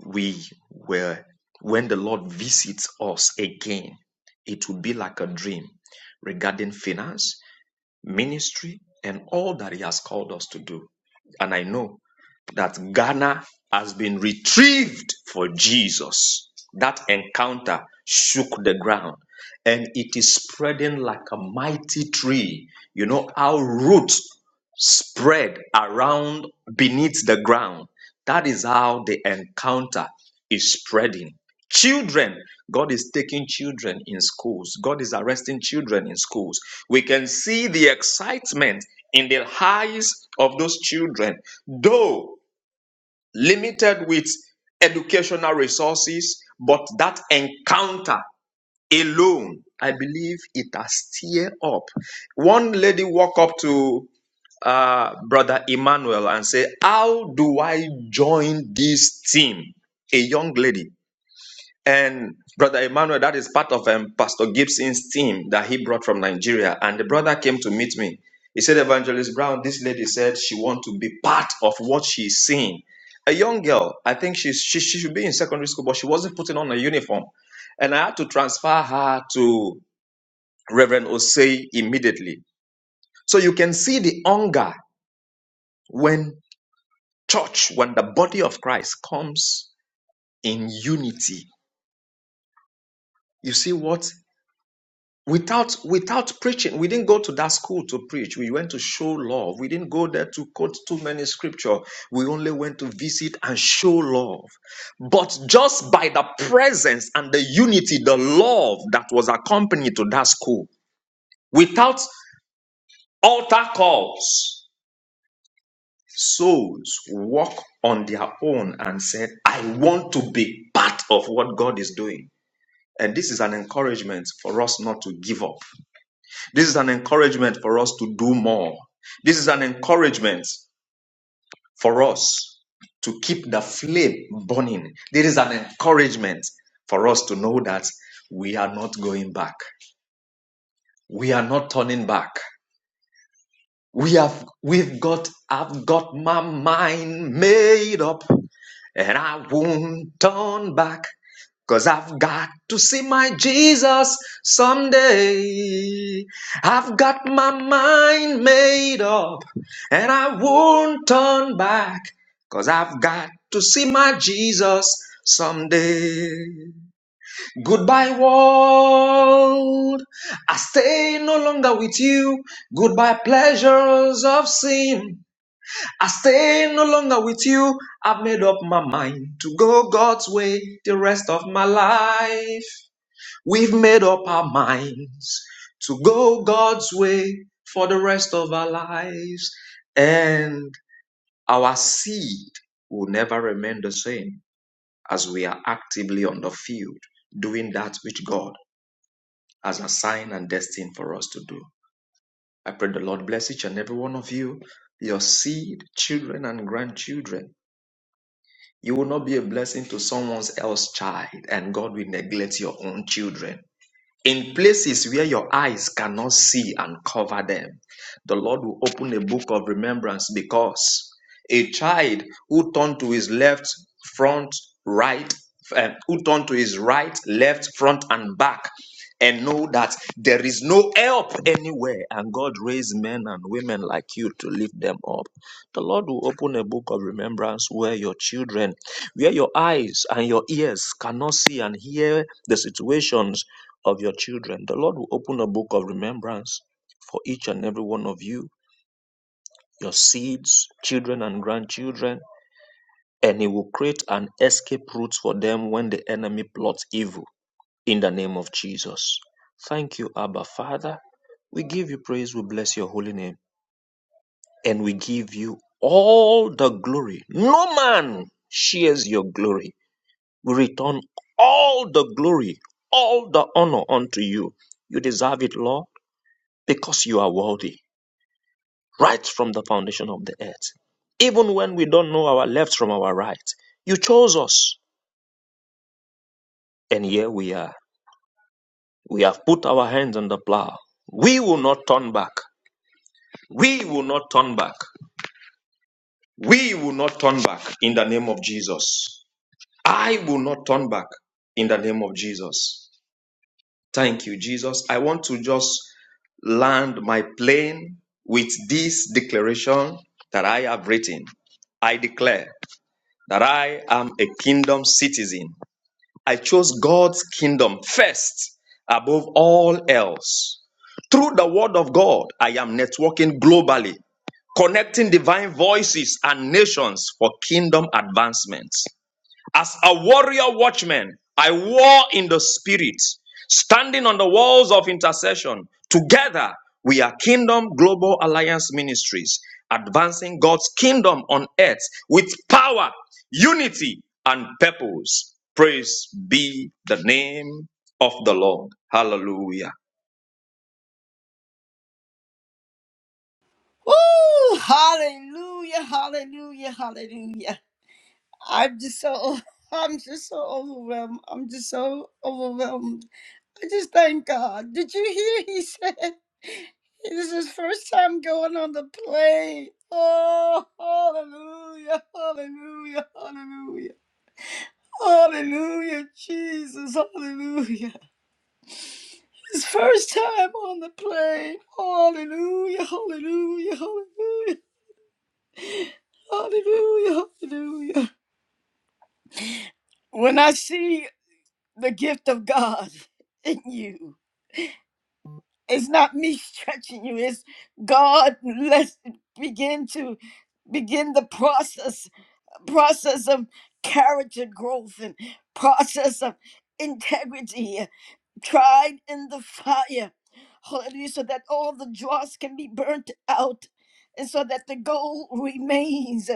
we will when the lord visits us again it will be like a dream regarding finance ministry and all that he has called us to do and i know that Ghana has been retrieved for Jesus. That encounter shook the ground and it is spreading like a mighty tree. You know how roots spread around beneath the ground. That is how the encounter is spreading. Children, God is taking children in schools. God is arresting children in schools. We can see the excitement in the eyes of those children, though limited with educational resources, but that encounter alone, I believe it has stirred up. One lady walked up to uh, Brother Emmanuel and said, How do I join this team? A young lady and Brother Emmanuel, that is part of um, Pastor Gibson's team that he brought from Nigeria. And the brother came to meet me. He said, Evangelist Brown, this lady said she want to be part of what she's seeing. A young girl, I think she's, she, she should be in secondary school, but she wasn't putting on a uniform. And I had to transfer her to Reverend Osei immediately. So you can see the hunger when church, when the body of Christ comes in unity. You see what? without without preaching we didn't go to that school to preach we went to show love we didn't go there to quote too many scripture we only went to visit and show love but just by the presence and the unity the love that was accompanied to that school without altar calls souls walk on their own and said i want to be part of what god is doing and this is an encouragement for us not to give up This is an encouragement for us to do more. This is an encouragement for us to keep the flame burning. This is an encouragement for us to know that we are not going back. We are not turning back. We have we've got I've got my mind made up and I won't turn back, i I've got to see my Jesus someday. I've got my mind made up and I won't turn back, i I've got to see my Jesus someday. Goodbye, world. I stay no longer with you. Goodbye, pleasures of sin. I stay no longer with you. I've made up my mind to go God's way the rest of my life. We've made up our minds to go God's way for the rest of our lives. And our seed will never remain the same as we are actively on the field doing that which God as assigned and destined for us to do. I pray the Lord bless each and every one of you, your seed, children, and grandchildren. You will not be a blessing to someone else's child, and God will neglect your own children. In places where your eyes cannot see and cover them, the Lord will open a book of remembrance because a child who turned to his left, front, right, eh, who turned to his right, left, front, and back, and know that there is no help anywhere, and God raised men and women like you to lift them up. The Lord will open a book of remembrance where your children, where your eyes and your ears cannot see and hear the situations of your children. The Lord will open a book of remembrance for each and every one of you, your seeds, children, and grandchildren, and He will create an escape route for them when the enemy plots evil in the name of Jesus. Thank you, Abba Father. We give you praise, we bless your holy name, and we give you all the glory. No man shares your glory. We return all the glory, all the honor unto you. You deserve it, Lord. because you are worthy right from the foundation of the earth. Even when we don't know our left from our right, you chose us. And here we are. We have put our hands on the plow. We will not turn back. We will not turn back. We will not turn back in the name of Jesus. I will not turn back in the name of Jesus. Thank you, Jesus. I want to just land my plane with this declaration that I have written. I declare that I am a kingdom citizen. I chose God's kingdom first above all else. Through the word of God, I am networking globally, connecting divine voices and nations for kingdom advancement. As a warrior watchman, I war in the spirit, standing on the walls of intercession. Together, we are Kingdom Global Alliance Ministries, advancing God's kingdom on earth with power, unity, and purpose. Praise be the name of the Lord. Hallelujah.
Woo! Hallelujah, hallelujah, hallelujah. I'm just so, I'm just so overwhelmed. I'm just so overwhelmed I just thank God. Did you hear he said it is his first time going on the plane? Oh, hallelujah, hallelujah, hallelujah, hallelujah, Jesus, hallelujah. His first time on the plane. Hallelujah, hallelujah, hallelujah, hallelujah, hallelujah. When I see the gift of God in you, It's not me stretching you. It's God. Let's begin to begin the process process of character growth and process of integrity tried in the fire. Hallelujah. So that all the dross can be burnt out and so that the gold remains.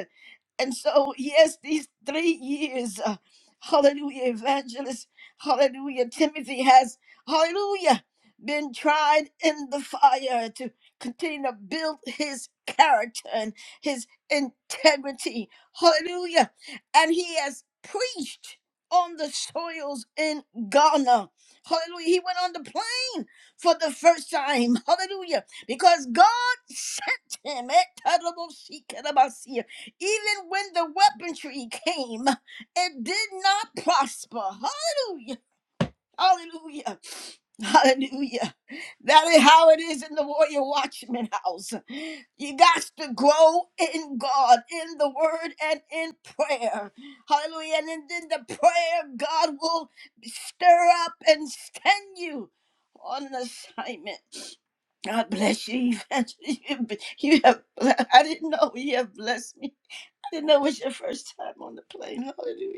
And so, yes, these three years, uh, hallelujah, evangelist, hallelujah, Timothy has, hallelujah, been tried in the fire to continue to build his character and his integrity. Hallelujah. And he has preached on the soils in Ghana. Hallelujah. He went on the plane for the first time. Hallelujah. Because God sent him. Eh, terrible she Even when the weaponry came, it did not prosper. Hallelujah. Hallelujah. Hallelujah. That is how it is in the warrior watchman house. You got to grow in God, in the word, and in prayer. Hallelujah. And in, in the prayer, God will stir up and send you on an assignment. God bless you. Evangelist. You have, you have- I didn't know you have blessed me. I didn't know it was your first time on the plane. Hallelujah.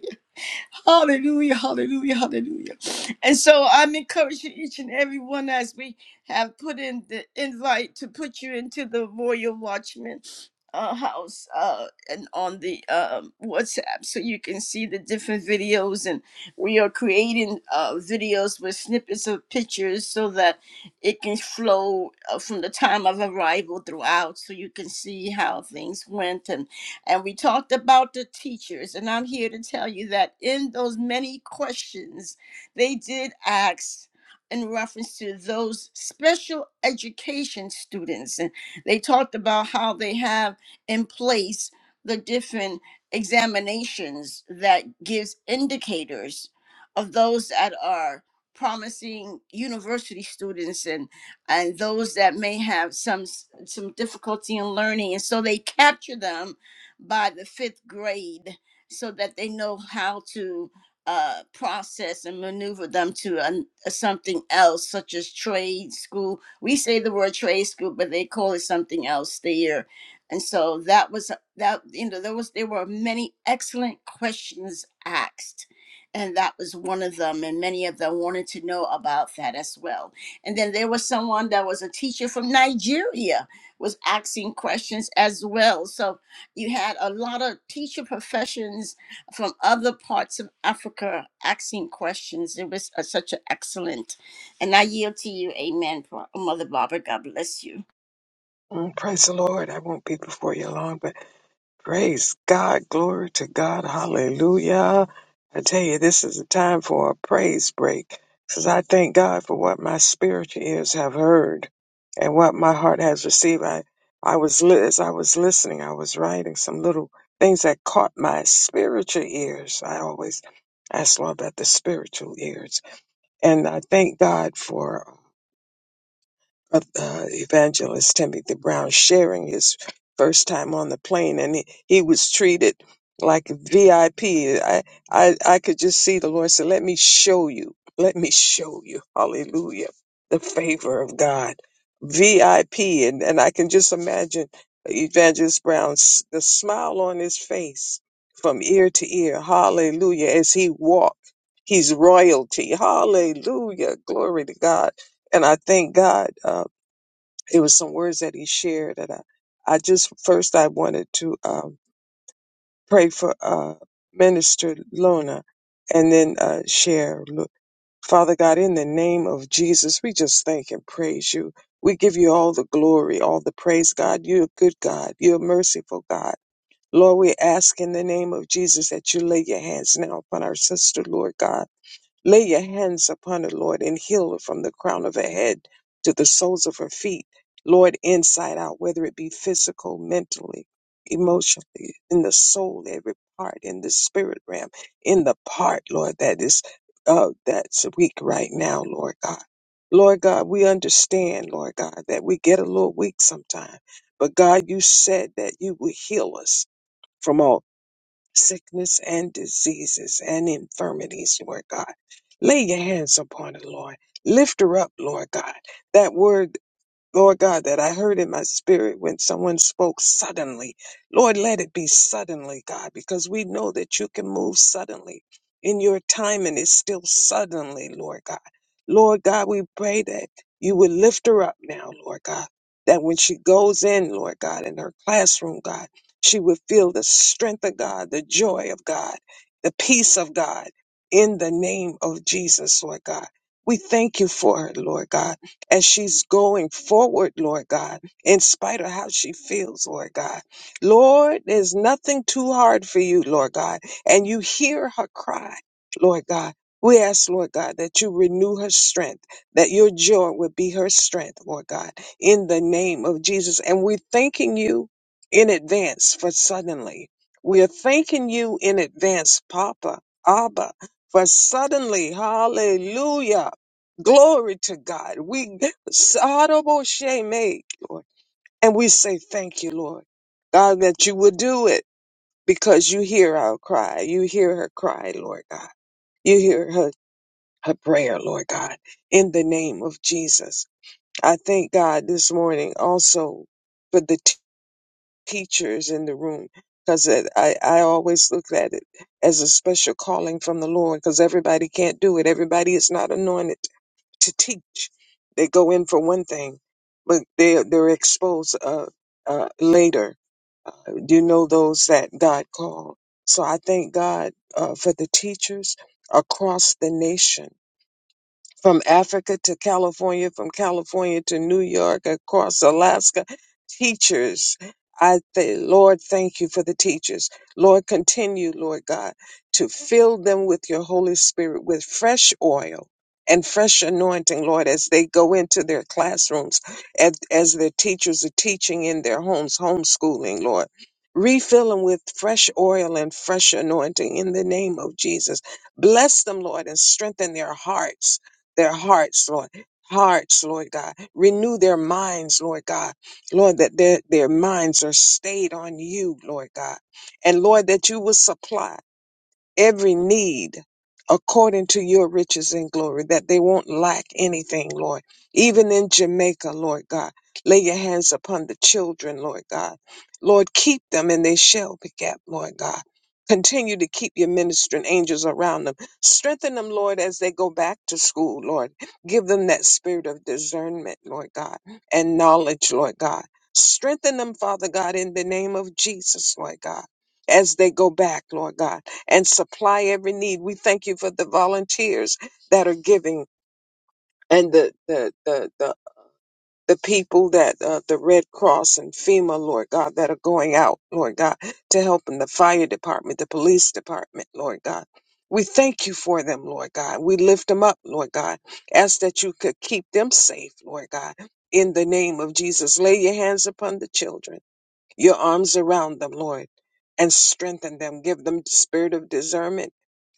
Hallelujah, hallelujah, hallelujah. And so I'm encouraging each and every one as we have put in the invite to put you into the Royal Watchman uh, house uh, and on the um, WhatsApp so you can see the different videos. And we are creating uh, videos with snippets of pictures so that it can flow uh, from the time of arrival throughout so you can see how things went and we talked about the teachers. And I'm here to tell you that in those many questions, they did ask in reference to those special education students. And they talked about how they have in place the different examinations that gives indicators of those that are promising university students and and those that may have some s- some difficulty in learning and so they capture them by the fifth grade so that they know how to uh, process and maneuver them to an uh, something else, such as trade school. We say the word trade school, but they call it something else there. And so that was uh, that. You know, there was there were many excellent questions asked, and that was one of them. And many of them wanted to know about that as well. And then there was someone that was a teacher from Nigeria was asking questions as well. So you had a lot of teacher professions from other parts of Africa asking questions. It was uh, such an excellent. And I yield to you. Amen, Pro- Mother Barbara. God bless you.
Mm, Praise the Lord. I won't be before you long, but praise God. Glory to God. Hallelujah. I tell you, this is a time for a praise break because I thank God for what my spiritual ears have heard and what my heart has received. I, I was, li- as I was listening, I was writing some little things that caught my spiritual ears. I always ask Lord about the spiritual ears. And I thank God for uh, uh, evangelist Timothy Brown sharing his first time on the plane, and he, he was treated like VIP. I, P. I I I could just see the Lord said, "Let me show you. Let me show you. Hallelujah, the favor of God, VIP." And and I can just imagine Evangelist Brown's the smile on his face from ear to ear. Hallelujah, as he walked. He's royalty. Hallelujah. Glory to God and I thank God. uh, it was some words that he shared and i, I just first i wanted to um, pray for uh, minister lona and then uh, share Look, father god in the name of jesus we just thank and praise you we give you all the glory all the praise god you're a good god you're a merciful god Lord, we ask in the name of Jesus that you lay your hands now upon our sister, Lord God. Lay your hands upon her, Lord, and heal her from the crown of her head to the soles of her feet, Lord, inside out, whether it be physical, mentally, emotionally, in the soul, every part, in the spirit realm, in the part, Lord, that is uh, that's weak right now, Lord God. Lord God, we understand, Lord God, that we get a little weak sometimes, but God, you said that you would heal us. From all sickness and diseases and infirmities, Lord God. Lay your hands upon her, Lord. Lift her up, Lord God. That word Lord God, that I heard in my spirit when someone spoke suddenly. Lord, let it be suddenly, God, because we know that you can move suddenly in your time and it's still suddenly, Lord God. Lord God, we pray that you would lift her up now, Lord God, that when she goes in, Lord God, in her classroom, God, she would feel the strength of God, the joy of God, the peace of God in the name of Jesus, Lord God. We thank you for her, Lord God as she's going forward, Lord God, in spite of how she feels, Lord God. Lord, there's nothing too hard for you, Lord God, and you hear her cry, Lord God. We ask, Lord God, that you renew her strength, that your joy would be her strength, Lord God, in the name of Jesus. And we're thanking you in advance for suddenly. We are thanking you in advance, Papa, Abba, for suddenly, hallelujah Glory to God. We honorable shame, Lord. And we say thank you, Lord. God, that you would do it because you hear our cry. You hear her cry, Lord God. You hear her, her prayer, Lord God, in the name of Jesus. I thank God this morning also for the t- teachers in the room because I, I always look at it as a special calling from the Lord because everybody can't do it. Everybody is not anointed to teach. They go in for one thing, but they they're exposed uh, uh, later. You know those that God called. So I thank God uh, for the teachers across the nation from Africa to California, from California to New York, across Alaska. Teachers, I th- Lord, thank you for the teachers. Lord, continue, Lord God, to fill them with your Holy Spirit with fresh oil and fresh anointing, Lord, as they go into their classrooms, as, as their teachers are teaching in their homes, homeschooling, Lord. Refill them with fresh oil and fresh anointing in the name of Jesus. Bless them, Lord, and strengthen their hearts their hearts, Lord. Hearts, Lord God. Renew their minds, Lord God. Lord, that their, their minds are stayed on you, Lord God. And Lord, that you will supply every need according to your riches and glory, that they won't lack anything, Lord. Even in Jamaica, Lord God, lay your hands upon the children, Lord God. Lord, keep them and they shall pick up, Lord God. Continue to keep your ministering angels around them. Strengthen them, Lord, as they go back to school, Lord. Give them that spirit of discernment, Lord God, and knowledge, Lord God. Strengthen them, Father God, in the name of Jesus, Lord God, as they go back, Lord God and supply every need. We thank you for the volunteers that are giving and the the the the, the people that uh, the Red Cross and FEMA, Lord God, that are going out, Lord God, to help in the fire department, the police department, Lord God. We thank you for them, Lord God. We lift them up, Lord God. Ask that you could keep them safe, Lord God. In the name of Jesus, lay your hands upon the children your arms around them, Lord, and strengthen them. Give them the spirit of discernment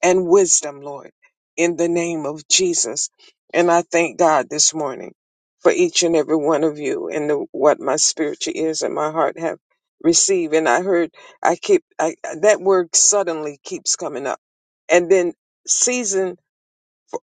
and wisdom, Lord, in the name of Jesus. And I thank God this morning for each and every one of you and the, what my spiritual ears and my heart have received. And I heard, I keep, I, that word suddenly keeps coming up. And then season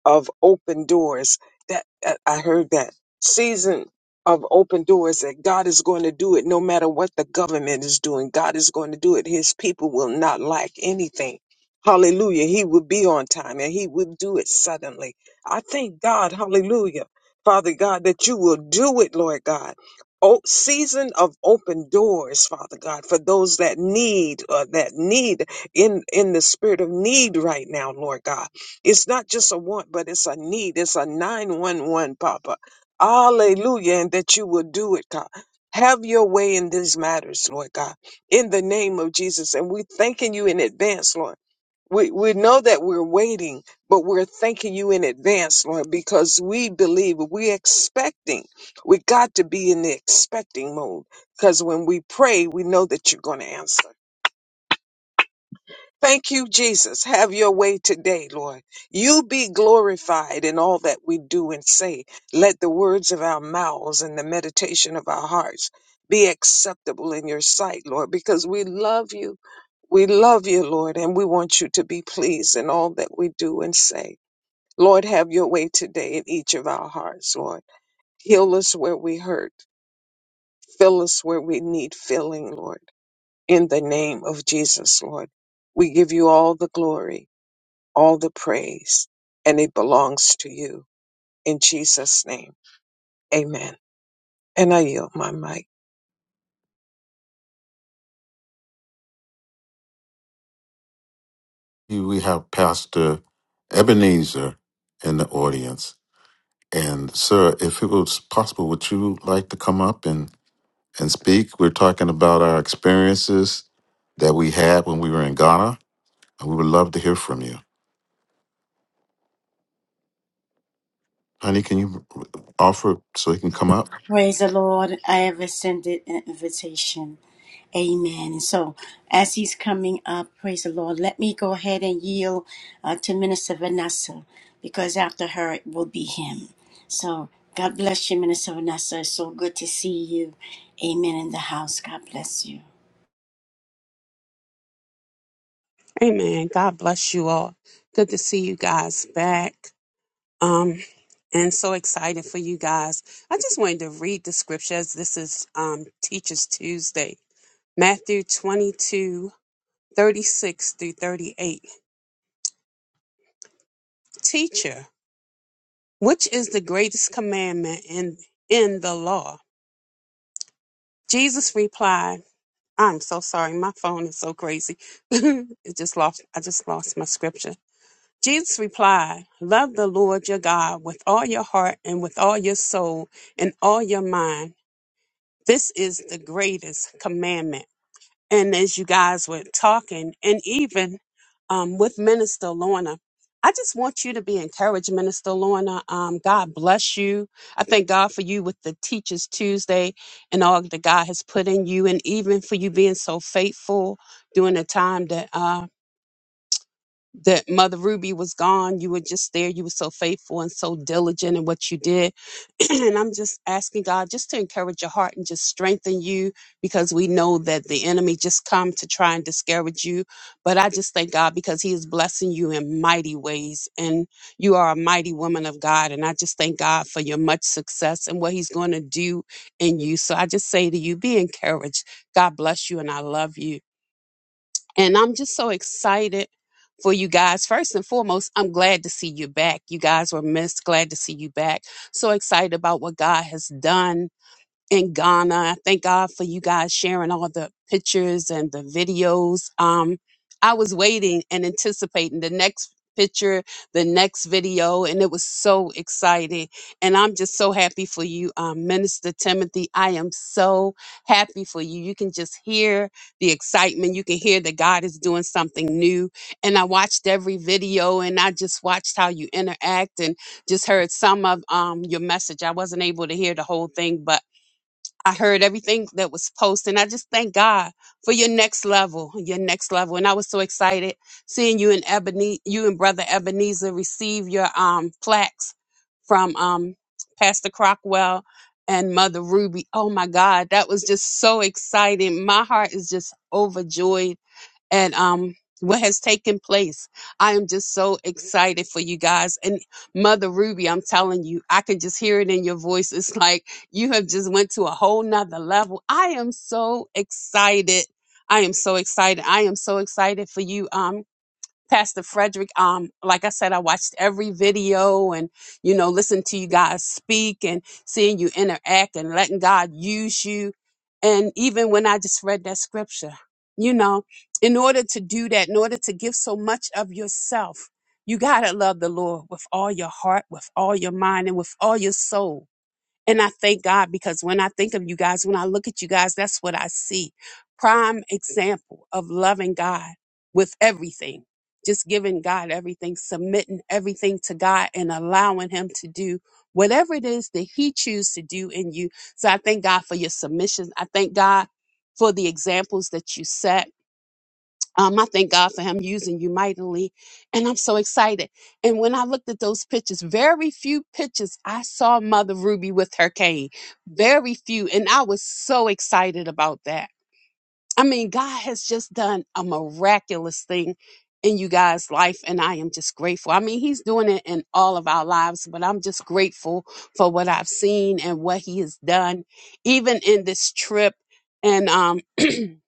of open doors. That that- I heard that season of open doors that God is going to do it no matter what the government is doing. God is going to do it. His people will not lack anything. Hallelujah. He will be on time and he will do it suddenly. I thank God. Hallelujah. Father God, that you will do it, Lord God. Oh, season of open doors, Father God, for those that need, uh, that need in, in the spirit of need right now, Lord God. It's not just a want, but it's a need. It's a 911, Papa. Hallelujah. And that you will do it, God. Have your way in these matters, Lord God, in the name of Jesus. And we're thanking you in advance, Lord. We, we know that we're waiting, but we're thanking you in advance, Lord, because we believe we're expecting. We got to be in the expecting mode because when we pray, we know that you're going to answer. Thank you, Jesus. Have your way today, Lord. You be glorified in all that we do and say. Let the words of our mouths and the meditation of our hearts be acceptable in your sight, Lord, because we love you. We love you, Lord, and we want you to be pleased in all that we do and say. Lord, have your way today in each of our hearts, Lord. Heal us where we hurt. Fill us where we need filling, Lord. In the name of Jesus, Lord, we give you all the glory all the praise, and it belongs to you. In Jesus' name, amen. And I yield my mic.
We have Pastor Ebenezer in the audience. And sir, if it was possible, would you like to come up and, and speak? We're talking about our experiences that we had when we were in Ghana, and we would love to hear from you. Honey, can you offer so he can come up?
Praise the Lord. I have extended an invitation. Amen. And so, as he's coming up, praise the Lord, let me go ahead and yield uh, to Minister Vanessa because after her it will be him. So, God bless you, Minister Vanessa. It's so good to see you. Amen. In the house. God bless you.
Amen. God bless you all. Good to see you guys back. Um, and so excited for you guys. I just wanted to read the scriptures. This is um Teachers Tuesday, Matthew 22 36 through 38. Teacher, which is the greatest commandment in in the law? Jesus replied, I'm so sorry, my phone is so crazy. it just lost I just lost my scripture. Jesus replied, Love the Lord your God with all your heart and with all your soul and all your mind. This is the greatest commandment. And as you guys were talking, and even um, with Minister Lorna, I just want you to be encouraged, Minister Lorna. Um, God bless you. I thank God for you with the Teachers Tuesday and all that God has put in you, and even for you being so faithful during the time that uh, that Mother Ruby was gone. You were just there. You were so faithful and so diligent in what you did. and I'm just asking God just to encourage your heart and just strengthen you because we know that the enemy just come to try and discourage you. But I just thank God because he is blessing you in mighty ways. And you are a mighty woman of God. And I just thank God for your much success and what he's going to do in you. So I just say to you, be encouraged. God bless you and I love you. And I'm just so excited for you guys. First and foremost, I'm glad to see you back. You guys were missed. Glad to see you back. So excited about what God has done in Ghana. I thank God for you guys sharing all the pictures and the videos. Um, I was waiting and anticipating the next picture, the next video, and it was so exciting. And I'm just so happy for you, um, Minister Timothy. I am so happy for you. You can just hear the excitement. You can hear that God is doing something new. And I watched every video and I just watched how you interact and just heard some of um, your message. I wasn't able to hear the whole thing, but I heard everything that was posted. And I just thank God for your next level, your next level. And I was so excited seeing you and Ebony, you and Brother Ebenezer receive your um plaques from um Pastor Crockwell and Mother Ruby. Oh my God, that was just so exciting. My heart is just overjoyed and um what has taken place. I am just so excited for you guys. And Mother Ruby, I'm telling you, I can just hear it in your voice. It's like you have just went to a whole nother level. I am so excited. I am so excited. I am so excited for you. Um. Pastor Frederick, um, like I said, I watched every video and, you know, listened to you guys speak and seeing you interact and letting God use you. And even when I just read that scripture, you know, in order to do that, in order to give so much of yourself, you got to love the Lord with all your heart, with all your mind, and with all your soul. And I thank God because when I think of you guys, when I look at you guys, that's what I see. Prime example of loving God with everything, just giving God everything, submitting everything to God and allowing Him to do whatever it is that He chooses to do in you. So I thank God for your submissions. I thank God for the examples that you set. Um, I thank God for him using you mightily. And I'm so excited. And when I looked at those pictures, very few pictures I saw Mother Ruby with her cane. Very few. And I was so excited about that. I mean, God has just done a miraculous thing in you guys' life. And I am just grateful. I mean, He's doing it in all of our lives, but I'm just grateful for what I've seen and what He has done, even in this trip. And um,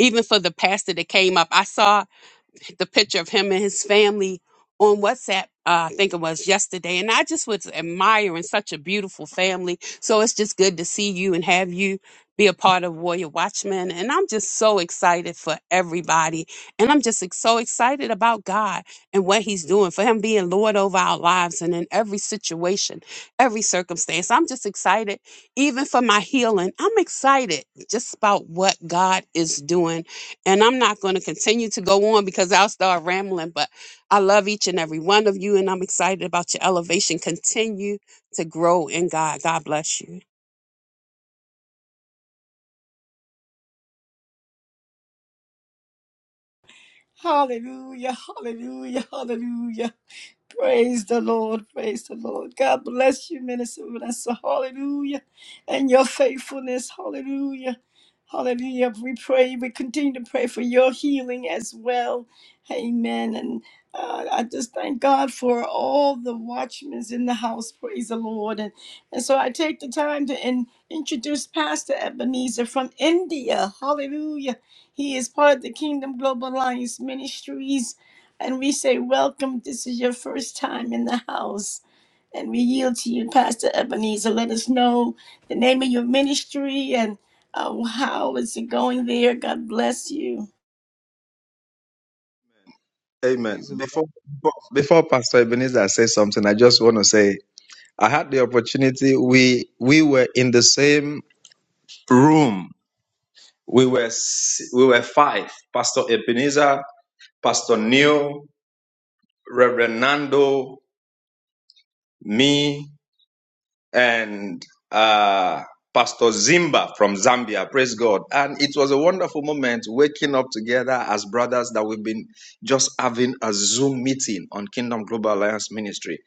even for the pastor that came up, I saw the picture of him and his family on WhatsApp. Uh, I think it was yesterday, and I just was admiring such a beautiful family. So it's just good to see you and have you be a part of Warrior Watchmen. And I'm just so excited for everybody, and I'm just ex- so excited about God and what He's doing for Him being Lord over our lives and in every situation, every circumstance. I'm just excited, even for my healing. I'm excited just about what God is doing and I'm not going to continue to go on because I'll start rambling, but I love each and every one of you and I'm excited about your elevation. Continue to grow in God. God bless you.
Hallelujah, hallelujah, hallelujah. Praise the Lord, praise the Lord. God bless you, Minister Vanessa. Hallelujah. And your faithfulness. Hallelujah. Hallelujah. We pray, we continue to pray for your healing as well. Amen. And uh, I just thank God for all the watchmen in the house. Praise the Lord. And, and so I take the time to in, introduce Pastor Ebenezer from India. Hallelujah. He is part of the Kingdom Global Alliance Ministries. And we say, Welcome. This is your first time in the house. And we yield to you, Pastor Ebenezer. Let us know the name of your ministry and uh, how is it going there. God bless you.
Amen.
Praise the Lord.
Before before before Pastor Ebenezer says something, I just want to say I had the opportunity. We we were in the same room we were s- we were five: Pastor Ebenezer, Pastor Neil, Reverend Nando, me. and uh, Pastor Zimba from Zambia. Praise God. And it was a wonderful moment waking up together as brothers that we've been just having a Zoom meeting on Kingdom Global Alliance Ministry.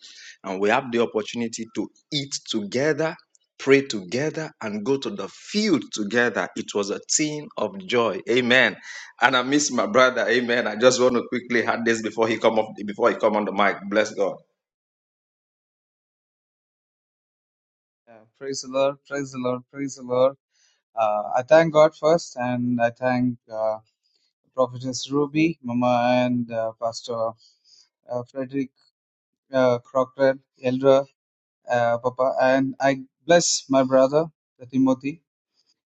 And we have the opportunity to eat together, pray together, and go to the field together. It was a team of joy. Amen. And I miss my brother. Amen. I just want to quickly add this before he come off before he come on the mic. Bless God.
Yeah, praise the Lord. Praise the Lord. Praise the Lord. Uh, I thank God first, and I thank uh, Prophetess Ruby, Mama, and uh, Pastor uh, Frederick uh, Crockett, Elder uh, Papa, and I bless my brother Timothy.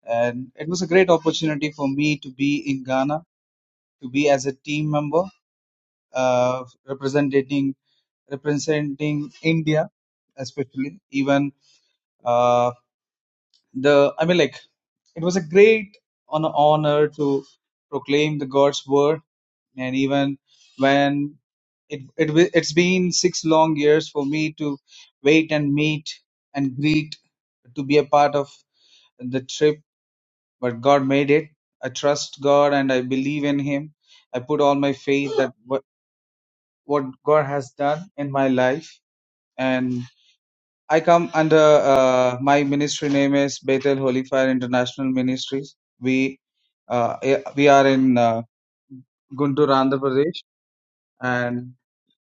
And it was a great opportunity for me to be in Ghana, to be as a team member uh, representing representing India, especially even. Uh, the I mean like It was a great hon- honor to proclaim the God's word, and even when it, it wi- it's been six long years for me to wait and meet and greet to be a part of the trip, but God made it. I trust God and I believe in Him. I put all my faith that what, what God has done in my life, and I come under uh, my ministry name is Bethel Holy Fire International Ministries. We uh, eh, we are in uh, Guntur, Andhra Pradesh, and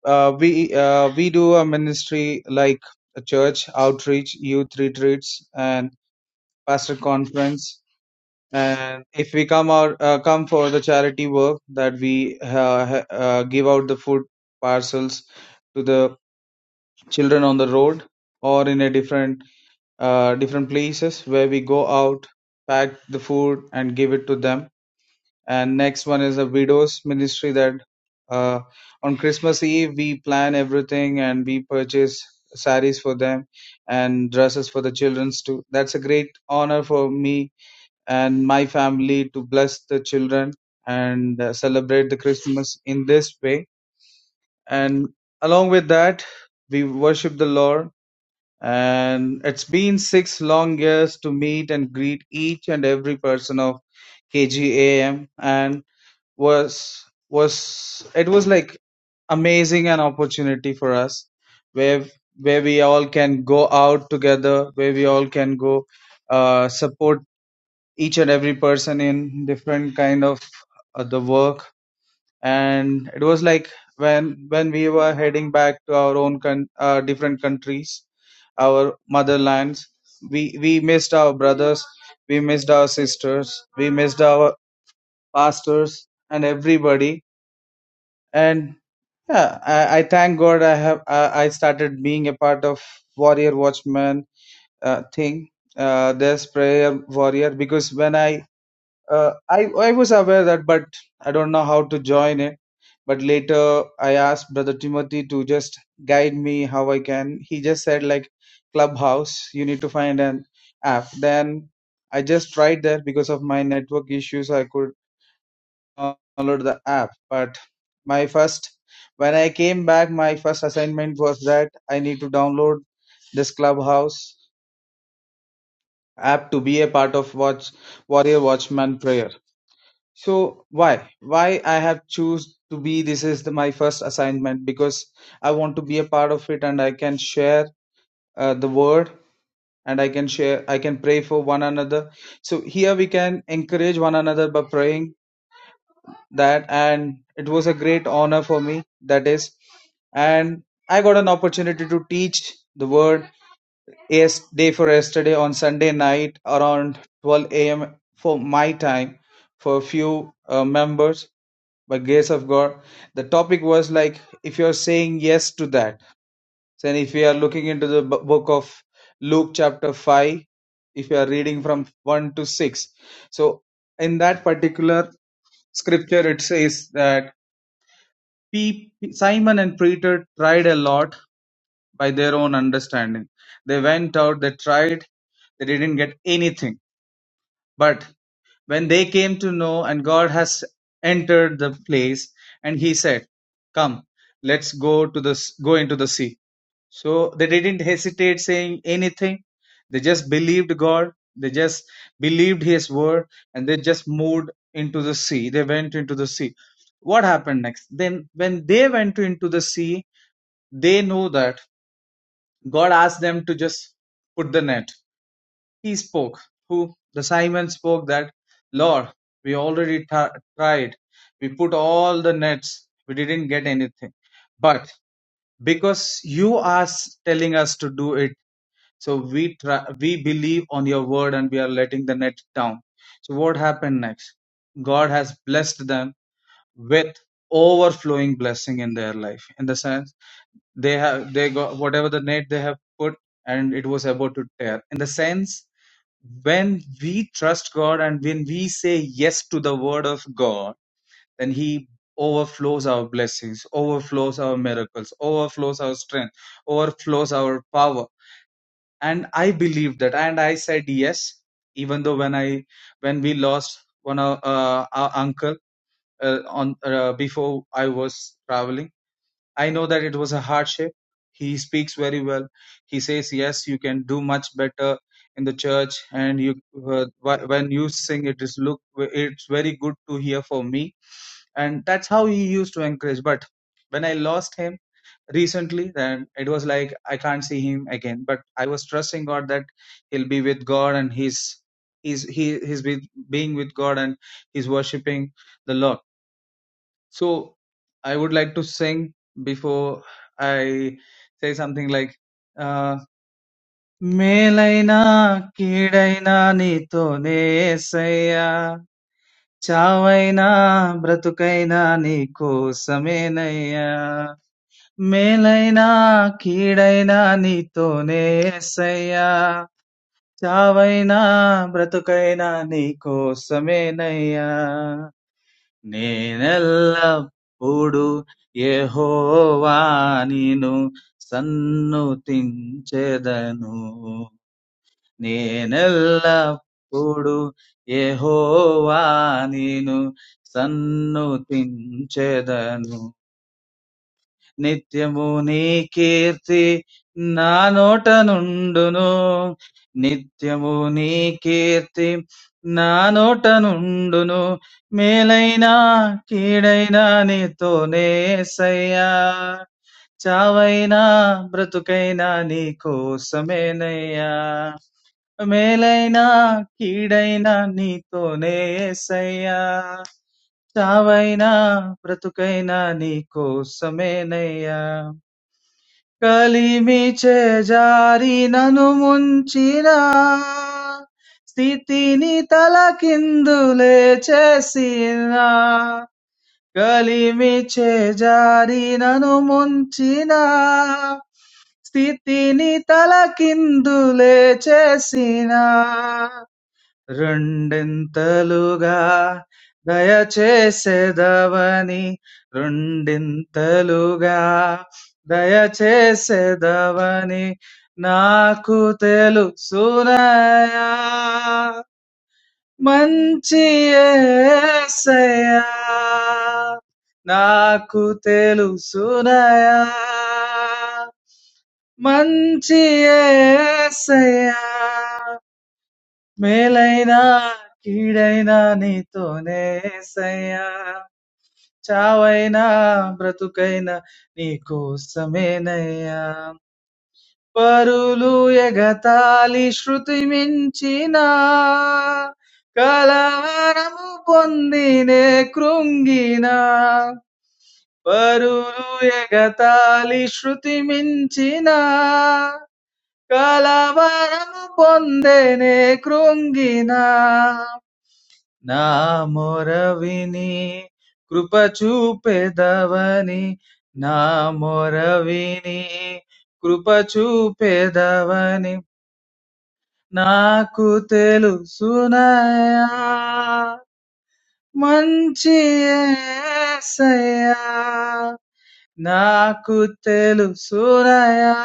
uh, we uh, we do a ministry like a church outreach, youth retreats, and pastor conference. And if we come out uh, come for the charity work that we uh, ha- uh, give out the food parcels to the children on the road or in a different uh, different places where we go out, pack the food, and give it to them. And next one is a widows ministry that uh, on Christmas Eve we plan everything and we purchase saris for them and dresses for the childrens too. That's a great honor for me and my family to bless the children and uh, celebrate the Christmas in this way. And along with that, we worship the Lord and it's been six long years to meet and greet each and every person of KGAM and was was it was like amazing an opportunity for us where where we all can go out together where we all can go uh, support each and every person in different kind of uh, the work and it was like when when we were heading back to our own con- uh, different countries our motherlands we we missed our brothers we missed our sisters we missed our pastors and everybody and yeah i, I thank god i have I, I started being a part of warrior watchman uh, thing uh, this prayer warrior because when i uh, I I was aware that, but I don't know how to join it. But later, I asked Brother Timothy to just guide me how I can. He just said like Clubhouse, you need to find an app. Then I just tried that because of my network issues, I could not download the app. But my first, when I came back, my first assignment was that I need to download this Clubhouse app to be a part of Watch Warrior Watchman Prayer so why why i have choose to be this is the, my first assignment because i want to be a part of it and i can share uh, the word and i can share i can pray for one another so here we can encourage one another by praying that and it was a great honor for me that is and i got an opportunity to teach the word Yes, day for yesterday on Sunday night around 12 a.m. for my time for a few uh, members by grace of God. The topic was like if you're saying yes to that. Then if we are looking into the b- book of Luke chapter 5, if you are reading from 1 to 6. So in that particular scripture it says that Pe- Simon and Peter tried a lot by their own understanding. They went out, they tried, they didn't get anything. But when they came to know, and God has entered the place, and He said, Come, let's go to the go into the sea. So they didn't hesitate saying anything. They just believed God. They just believed His word, and they just moved into the sea. They went into the sea. What happened next? Then, when they went to- into the sea, they know that. God asked them to just put the net. He spoke. Who? The Simon spoke that, Lord, we already t- tried. We put all the nets. We didn't get anything. But because you are s- telling us to do it, so we try, we believe on your word and we are letting the net down. So what happened next? God has blessed them with overflowing blessing in their life. In the sense they have they got whatever the net they have put and it was about to tear in the sense when we trust god and when we say yes to the word of god then he overflows our blessings overflows our miracles overflows our strength overflows our power and i believed that and i said yes even though when i when we lost one of uh, our uncle uh, on uh, before i was traveling I know that it was a hardship. He speaks very well. He says, "Yes, you can do much better in the church." And you, uh, wh- when you sing, it is look, it's very good to hear for me. And that's how he used to encourage. But when I lost him recently, then it was like I can't see him again. But I was trusting God that he'll be with God and he's he's he he's with, being with God and he's worshiping the Lord so, I would like to sing before I say something like, "Meleyna ki reyna ni to ne sahya chaweyna brat kai na ni ko samay naya." Meleyna ki reyna ni to ne sahya chaweyna brat kai na ni ko samay naya. నేనెల్లప్పుడూ యెహోవా నిను సన్నుతించెదను నేనెల్లప్పుడూ యెహోవా నిను సన్నుతించెదను Nityamuni keerti naanota nundunu. Nityamuni keerti naanota nundunu. Melaina kidaaina nithoneeya. Chawaina pratukaina nikhosameeya. Melaina kidaaina nithoneeya. Chawaina pratukaina nikhosameeya. Kali miche jari nanu monchina, sthitini talakindule che sina. Kali miche jari nanu monchina, sthitini talakindule che sina. Rundin taluga dayachese davanee. Rundin taluga dayachese davanee. Naaku telu suraya manchiye seya. Naaku telu suraya manchiye seya. Meleyna, kiyeyna ni to ne sayya, chaweyna, pratukayna ni kusme neya. Parulu ye gataali shruti minchi na, kalavaram bondine krungi na. Parulu ye gataali shruti minchi na, kalavaram bondine krungi na. Na moravini krupa chupe davanii. Na moravini krupa chupe davanii. Na kutelu sunaya mancheeya sayya. Na kutelu sunaya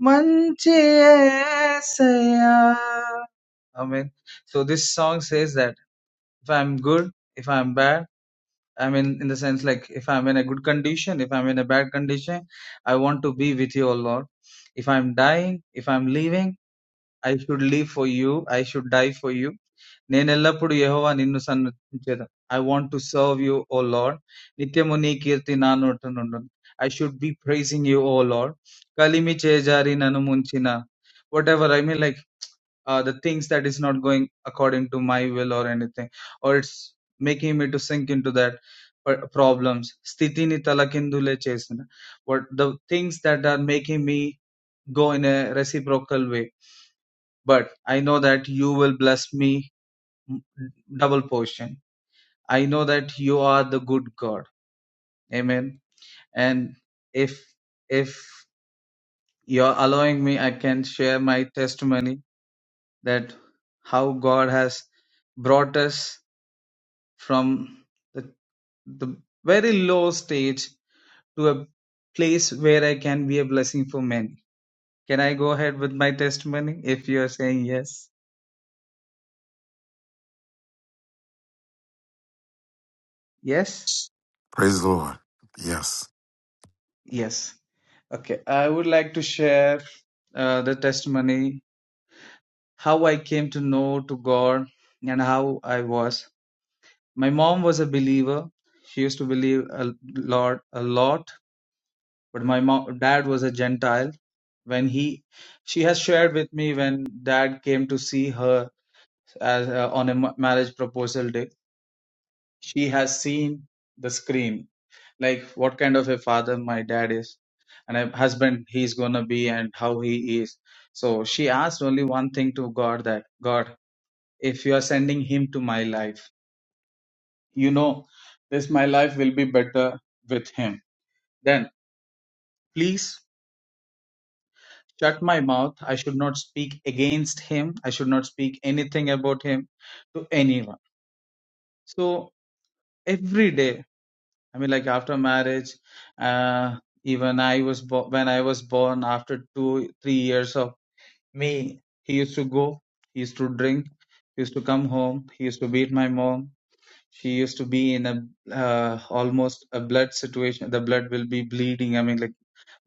mancheeya sayya. Amen. So this song says that if I'm good, if I'm bad. I mean, in the sense like if I'm in a good condition, if I'm in a bad condition, I want to be with you, O Lord. If I'm dying, if I'm leaving, I should live for you. I should die for you. నేనెల్లప్పుడు Jehovah నిన్ను సన్నిధించేదా I want to serve you O lord నిత్యము నీ కీర్తి నా నోట నుండును I should be praising you O lord కలిమి చేజారి నన్ను ముంచిన whatever i mean like uh, the things that is not going according to my will or anything or it's making me to sink into that problems sthitini talakindule chesina what the things that are making me go in a reciprocal way but i know that you will bless me double portion i know that you are the good god amen and if if you're allowing me i can share my testimony that how god has brought us from the, the very low stage to a place where I can be a blessing for many. Can I go ahead with my testimony if you are saying yes? Yes?
Praise the Lord. Yes.
Yes. Okay. I would like to share uh, the testimony how I came to know to God and how I was. My mom was a believer. She used to believe a Lord a lot but my mom, dad was a Gentile. When he, she has shared with me when dad came to see her as uh, on a ma- marriage proposal day, she has seen the screen, like what kind of a father my dad is, and a husband he's gonna be, and how he is. So she asked only one thing to God that God, if you are sending him to my life, you know, this my life will be better with him. Then please shut my mouth. I should not speak against him. I should not speak anything about him to anyone. So every day, I mean, like after marriage, uh, even I was bo- when I was born. After two, three years of me, he used to go. He used to drink. He used to come home. He used to beat my mom. She used to be in a uh, almost a blood situation. The blood will be bleeding. I mean, like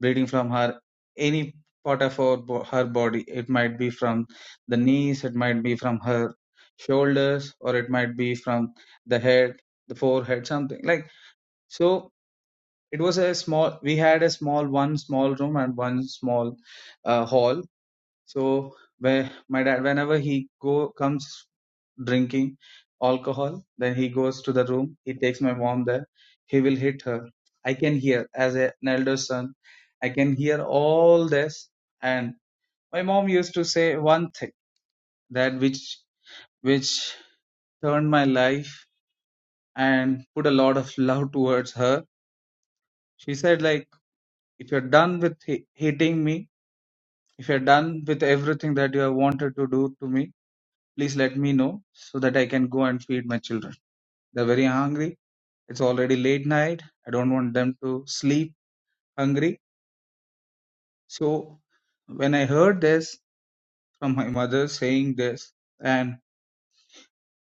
bleeding from her any part of her, her body it might be from the knees it might be from her shoulders or it might be from the head the forehead something like so it was a small we had a small one small room and one small uh, hall so where my dad whenever he go comes drinking alcohol. Then he goes to the room. He takes my mom there. He will hit her. I can hear as a- an elder son. I can hear all this. And my mom used to say one thing that which which turned my life and put a lot of love towards her. She said like, if you're done with hi- hitting me, if you're done with everything that you have wanted to do to me, please let me know so that I can go and feed my children. They're very hungry It's already late night. I don't want them to sleep hungry. So when I heard this from my mother saying this, and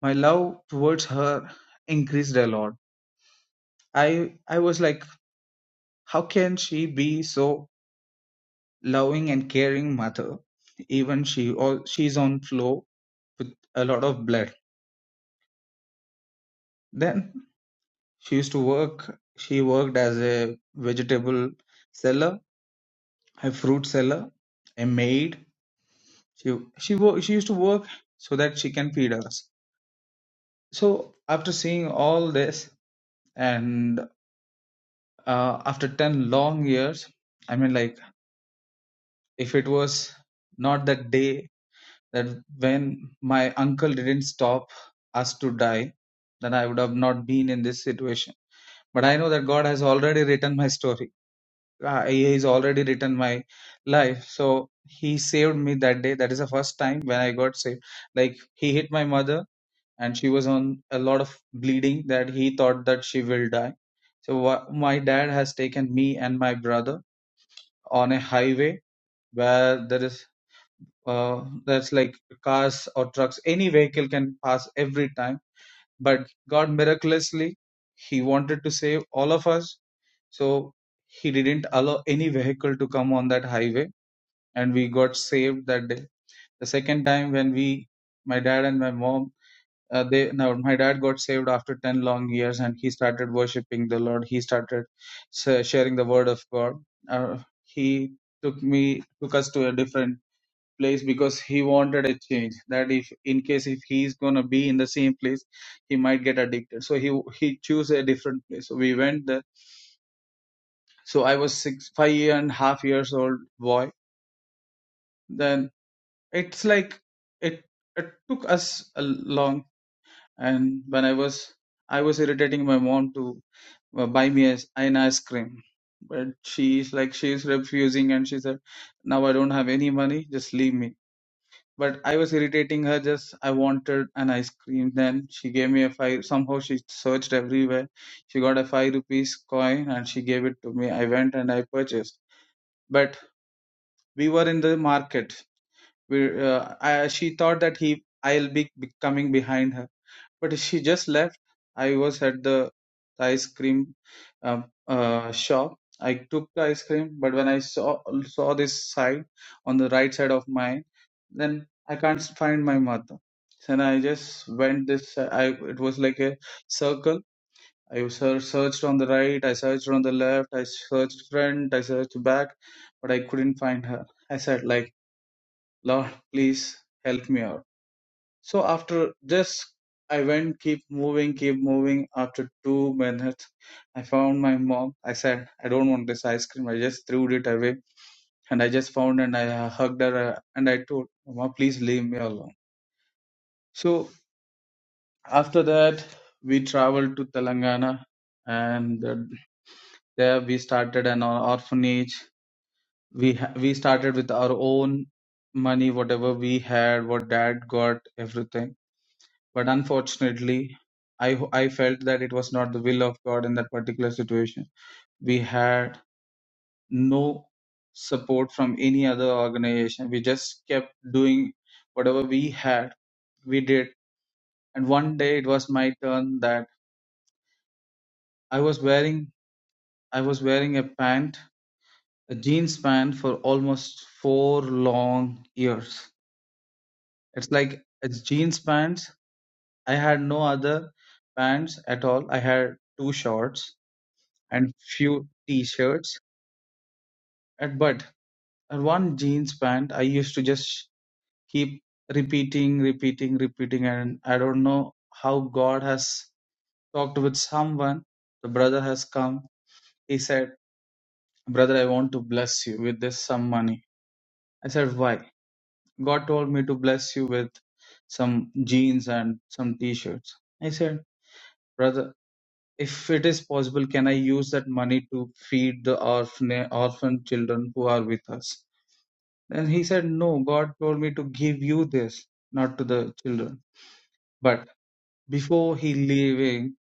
my love towards her increased a lot. I I was like, how can she be so loving and caring mother? Even she all she's on floor with a lot of blood. Then she used to work. She worked as a vegetable seller, a fruit seller, a maid. She she wo- she used to work so that she can feed us. So after seeing all this, and uh, after ten long years, I mean, like if it was not that day that when my uncle didn't stop us to die, then I would have not been in this situation. But I know that God has already written my story. Uh, he has already written my life. So He saved me that day. That is the first time when I got saved. Like He hit my mother and she was on a lot of bleeding that he thought that she will die so wha my dad has taken me and my brother on a highway where there is uh, that's like cars or trucks any vehicle can pass every time but god miraculously he wanted to save all of us so he didn't allow any vehicle to come on that highway and we got saved that day the second time when we my dad and my mom uh, they now my dad got saved after 10 long years and he started worshiping the lord he started sa- sharing the word of god uh, he took me took us to a different place because he wanted a change that if in case if he's gonna be in the same place he might get addicted so he he chose a different place so we went there so i was six five and a half years old boy then it's like it it took us a long and when i was i was irritating my mom to uh, buy me as an ice cream but she's like she's refusing and she said now i don't have any money just leave me but i was irritating her just i wanted an ice cream then she gave me a five somehow she searched everywhere she got a five rupees coin and she gave it to me i went and i purchased but we were in the market we uh, I, she thought that he i'll be, be coming behind her but she just left. I was at the ice cream um, uh, shop. I took the ice cream, but when I saw saw this side on the right side of mine, then I can't find my mother. Then I just went this. I it was like a circle. I ser- searched on the right, I searched on the left, I searched front, I searched back, but I couldn't find her. I said like, Lord, please help me out so after this, I went, keep moving, keep moving. After two minutes, I found my mom. I said, I don't want this ice cream. I just threw it away. And I just found and I uh, hugged her uh, and I told, Mama, please leave me alone. So after that, we traveled to Telangana and uh, there we started an orphanage. We, ha- we started with our own money, whatever we had, what dad got, everything But unfortunately, I ho- I felt that it was not the will of God in that particular situation. We had no support from any other organization. We just kept doing whatever we had. We did, and one day it was my turn that I was wearing I was wearing a pant, a jeans pant for almost four long years. It's like it's jeans pants. I had no other pants at all. I had two shorts and few T-shirts. And but and one jeans pant I used to just keep repeating, repeating, repeating, and I don't know how God has talked with someone. The brother has come. He said, "Brother, I want to bless you with this some money." I said, "Why?" God told me to bless you with some jeans and some T-shirts. I said, "Brother, if it is possible, can I use that money to feed the orphan orphan children who are with us? Then he said, No, God told me to give you this, not to the children. But before he leaving,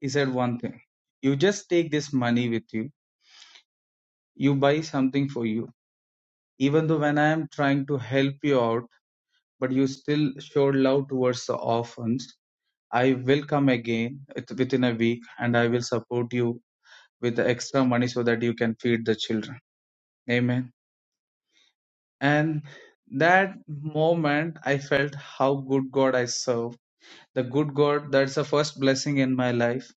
he said one thing You just take this money with you, you buy something for you. Even though when I am trying to help you out, but you still showed love towards the orphans, I will come again with- within a week and I will support you with the extra money so that you can feed the children. Amen. And that moment, I felt how good God I serve the good God, that's the first blessing in my life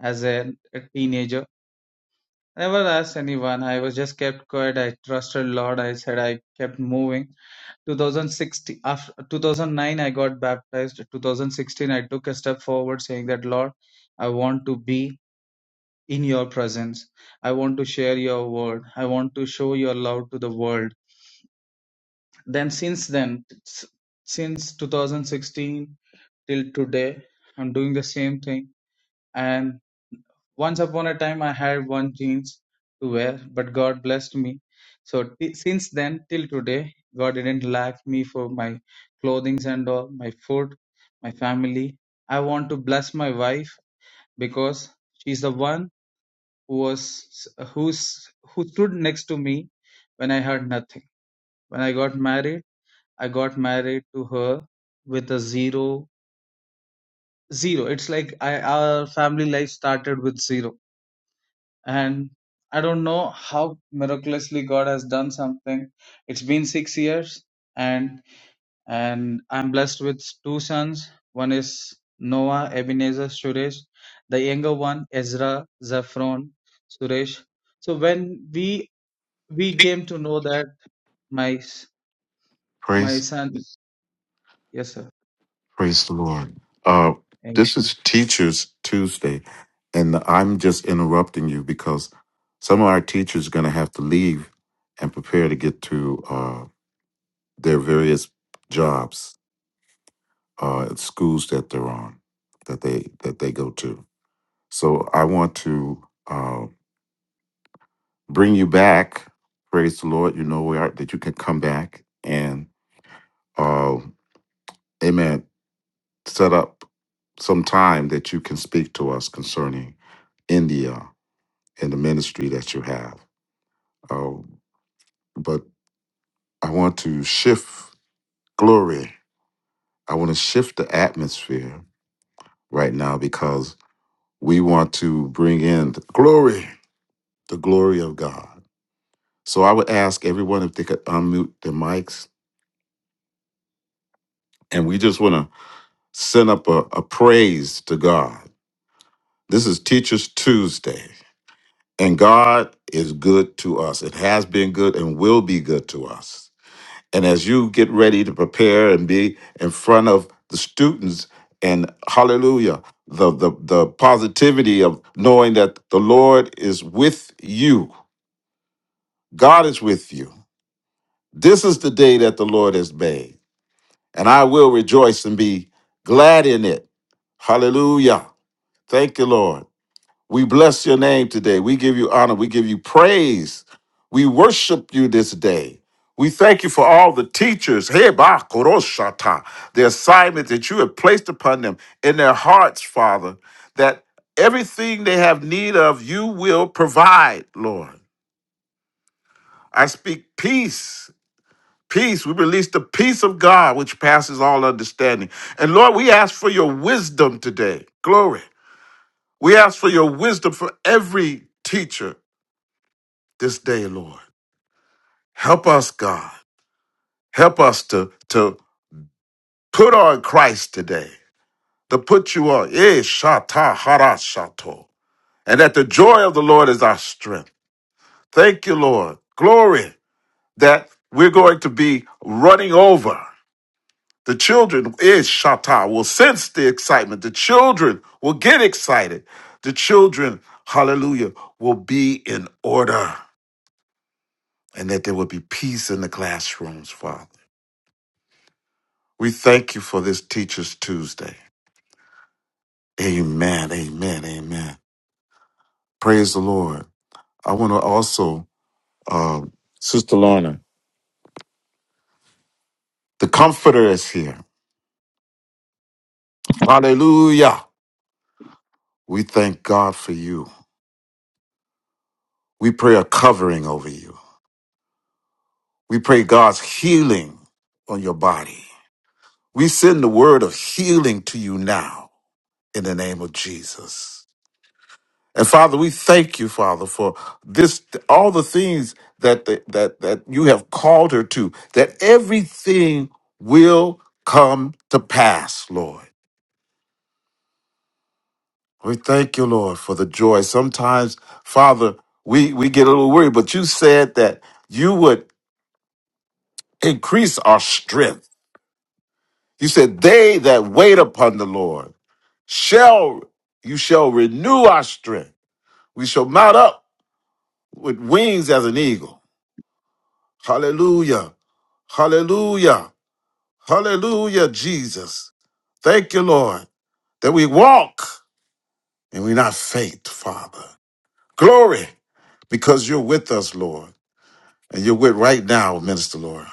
as a, a teenager. I never asked anyone. I was just kept quiet. I trusted Lord. I said I kept moving. 2016 after 2009 i got baptized 2016 i took a step forward saying that lord i want to be in your presence i want to share your word i want to show your love to the world then since then since 2016 till today i'm doing the same thing and. Once upon a time, I had one jeans to wear, but God blessed me. So t- since then till today, God didn't lack me for my clothing and all, my food, my family. I want to bless my wife because she's the one who was who's who stood next to me when I had nothing. When I got married, I got married to her with a zero zero. It's like I, our family life started with zero and i don't know how miraculously god has done something it's been 6 years and and i'm blessed with two sons one is noah ebenezer suresh the younger one ezra Zaphron, suresh so when we we came to know that my s- my
Praise
son yes sir
praise the Lord. Uh this is Teachers Tuesday, and I'm just interrupting you because some of our teachers are gonna have to leave and prepare to get to uh, their various jobs. uh, schools that they're on, that they that they go to. So I want to uh, bring you back. Praise the Lord. You know we are that you can come back and, uh, Amen. Set up some time that you can speak to us concerning India and the ministry that you have. Uh, but I want to shift glory. I want to shift the atmosphere right now because we want to bring in the glory. the glory of God. So I would ask everyone if they could unmute their mics, and we just want to send up a, a praise to God. This is Teachers Tuesday, and God is good to us. It has been good and will be good to us. And as you get ready to prepare and be in front of the students, and hallelujah, the, the, the positivity of knowing that the Lord is with you, God is with you. This is the day that the Lord has made and I will rejoice and be glad in it. Hallelujah. Thank you, Lord. We bless your name today. We give you honor. We give you praise. We worship you this day. We thank you for all the teachers, hey, ba, koroshata, the assignment that you have placed upon them in their hearts, Father, that everything they have need of, you will provide, Lord. I speak peace Peace. We release the peace of God, which passes all understanding. And Lord, we ask for your wisdom today. Glory. We ask for your wisdom for every teacher this day, Lord. Help us, God. Help us to, to put on Christ today, to put you on. Eh, shata hara shato. And that the joy of the Lord is our strength. Thank you, Lord. Glory that we're going to be running over. The children is Shatta will sense the excitement. The children will get excited. The children, hallelujah, will be in order and that there will be peace in the classrooms, Father. We thank you for this Teachers Tuesday. Amen. Amen. Amen. Praise the Lord. I want to also, uh, Sister Lorna, the Comforter is here. Hallelujah. We thank God for you. We pray a covering over you. We pray God's healing on your body. We send the word of healing to you now in the name of Jesus. And Father, we thank you, Father, for this all the things that that that you have called her to, that everything will come to pass, Lord. We thank you, Lord, for the joy. Sometimes, Father, we, we get a little worried, but you said that you would increase our strength. You said, They that wait upon the Lord shall you shall renew our strength. We shall mount up with wings as an eagle. Hallelujah. Hallelujah. Hallelujah, Jesus. Thank you, Lord, that we walk and we not faint, Father. Glory, because you're with us, Lord, and you're with right now, Minister Laura.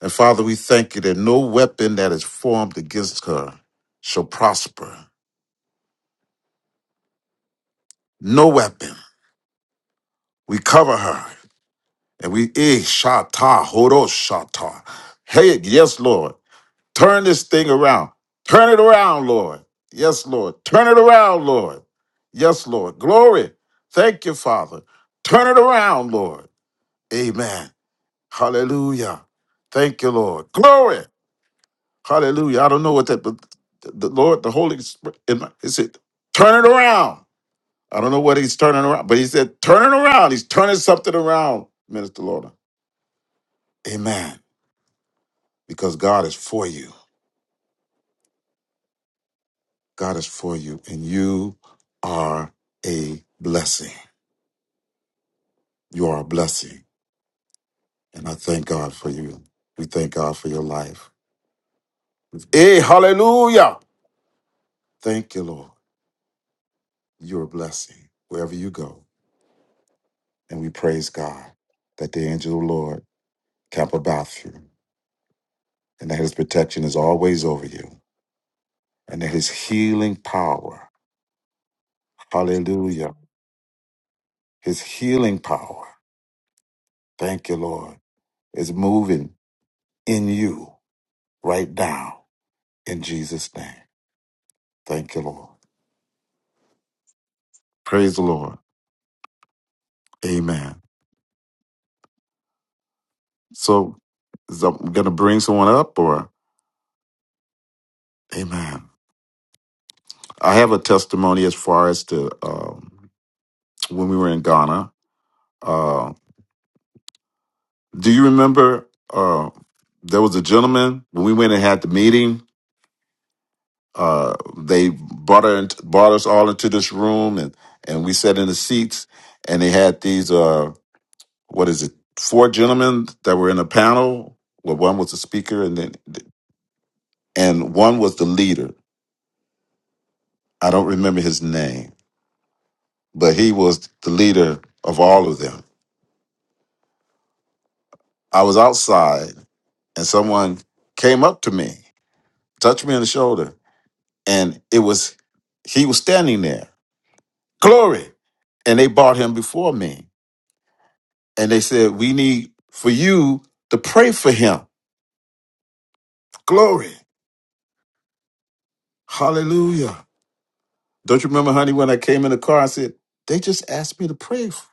And Father, we thank you that no weapon that is formed against her shall prosper. No weapon. We cover her. And we, eh, shata, horo shata. Hey, yes, Lord. Turn this thing around. Turn it around, Lord. Yes, Lord. Turn it around, Lord. Yes, Lord. Glory. Thank you, Father. Turn it around, Lord. Amen. Hallelujah. Thank you, Lord. Glory. Hallelujah. I don't know what that, but the Lord, the Holy Spirit, in my- is it? Turn it around. I don't know what he's turning around, but he said, turn it around. He's turning something around, Minister Lorna. Amen. because God is for you. God is for you, and you are a blessing. You are a blessing. And I thank God for you. We thank God for your life. Hey, hallelujah. Thank you, Lord. You're a blessing wherever you go. And we praise God that the angel of the Lord camp about you and that his protection is always over you and that his healing power, hallelujah, his healing power, thank you, Lord, is moving in you right now in Jesus' name. Thank you, Lord. Praise the Lord. Amen. So, is I'm going to bring someone up or? Amen. I have a testimony as far as to um, when we were in Ghana. Uh, do you remember uh, there was a gentleman when we went and had the meeting? Uh, they brought, her into, brought us all into this room and, and we sat in the seats and they had these. Uh, what is it? Four gentlemen that were in a panel. Well, one was the speaker, and then and one was the leader. I don't remember his name, but he was the leader of all of them. I was outside, and someone came up to me, touched me on the shoulder, and it was he was standing there. Glory, and they brought him before me, and they said, "We need for you to pray for him." Glory, Hallelujah. Don't you remember, honey, when I came in the car, I said, they just asked me to pray f-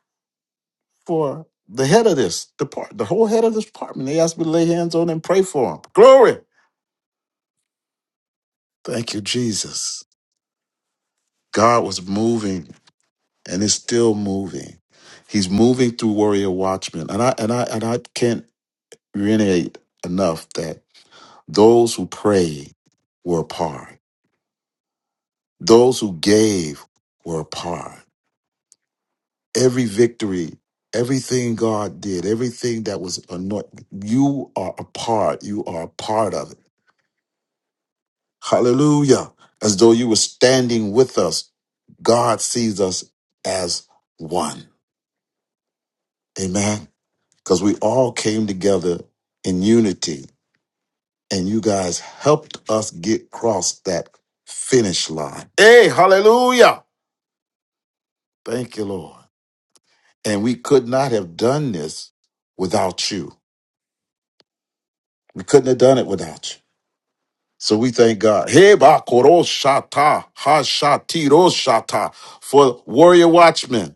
for the head of this department, the whole head of this department. They asked me to lay hands on and pray for him. Glory. Thank you, Jesus. God was moving and is still moving. He's moving through warrior watchmen. And I and I and I can't reiterate enough that those who prayed were a part. Those who gave were a part. every victory, everything God did, everything that was anointed, you are a part, you are a part of it. Hallelujah. As though you were standing with us, God sees us as one. Amen. Because we all came together in unity, and you guys helped us get across that finish line. Hey, hallelujah. Thank you, Lord. And we could not have done this without you. We couldn't have done it without you. So we thank God. Heba ba koro shata, ha shati shata for warrior watchmen.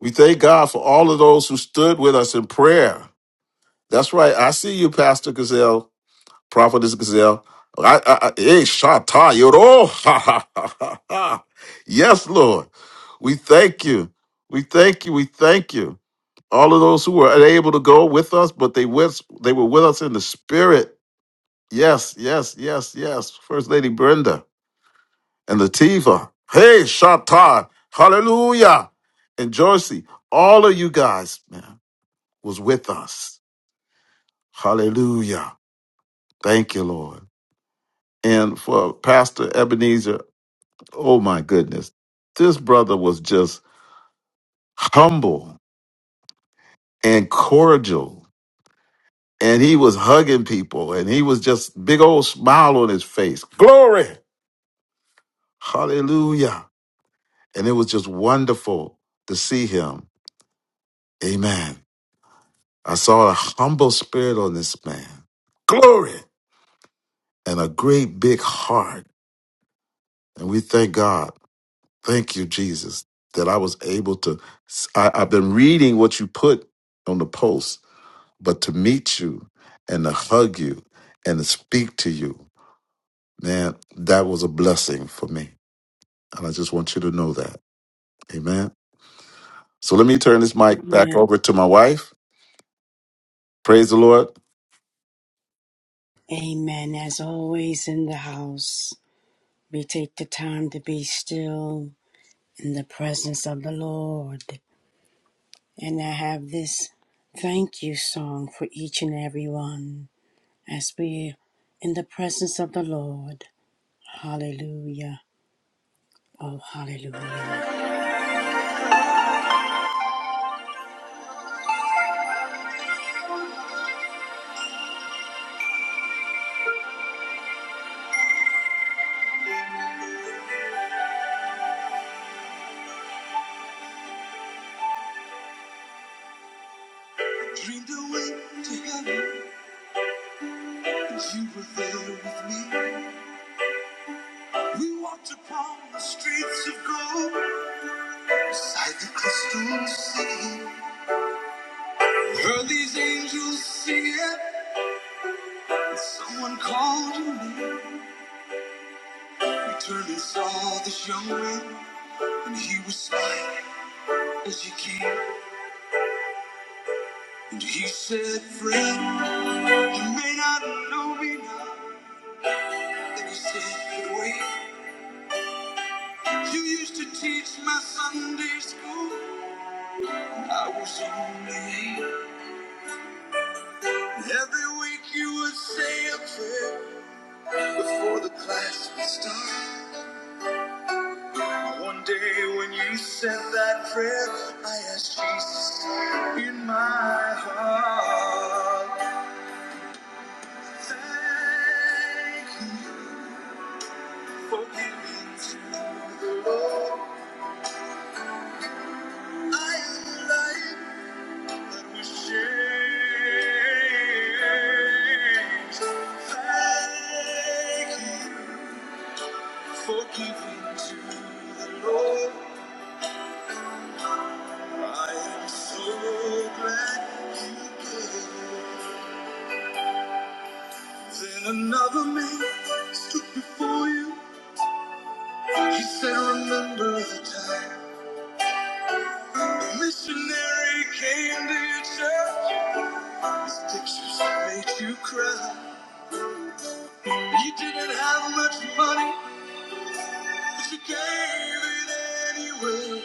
We thank God for all of those who stood with us in prayer. That's right. I see you, Pastor Gazelle, Prophetess Gazelle. I, I, I, hey, shata yoro, ha ha ha ha. ha. Yes, Lord. We thank you. We thank you. We thank you. All of those who were unable to go with us, but they with they were with us in the spirit. Yes, yes, yes, yes. First Lady Brenda. and Latifa. Hey, Shatai. Hallelujah. And Joycey, all of you guys, man, was with us. Hallelujah. Thank you, Lord. And for Pastor Ebenezer, oh my goodness, this brother was just humble and cordial. And he was hugging people and he was just big old smile on his face. Glory. Hallelujah. And it was just wonderful to see him. Amen. I saw a humble spirit on this man. Glory! And a great big heart. And we thank God. Thank you, Jesus, that I was able to. I, I've been reading what you put on the post, but to meet you and to hug you and to speak to you, man, that was a blessing for me. And I just want you to know that. Amen. So let me turn this mic back
Amen.
over to my wife. Praise the Lord.
Amen. As always in the house, we take the time to be still in the presence of the Lord. And I have this thank you song for each and every one as we in the presence of the Lord. Hallelujah. Oh, hallelujah. Dreamed away to heaven. Cause you were there with me. We walked upon the streets of gold beside the crystal sea. We heard these angels singing, and someone called your name. We turned and saw this young man, and he was smiling as he came. And he said, Friend, you may not know me now. Then he said, But wait, you used to teach my Sunday school. and I was only eight." Every week you would say a prayer before the class would start. One day when you said that prayer, I asked Jesus in my heart. Thank you for giving to the Lord. I am life that was changed. Thank you for giving to the Lord. I am so glad you came. Then another man stood before you. He said, Remember the time a missionary came to your church. His pictures made you cry. You didn't have much money, but you gave it anyway.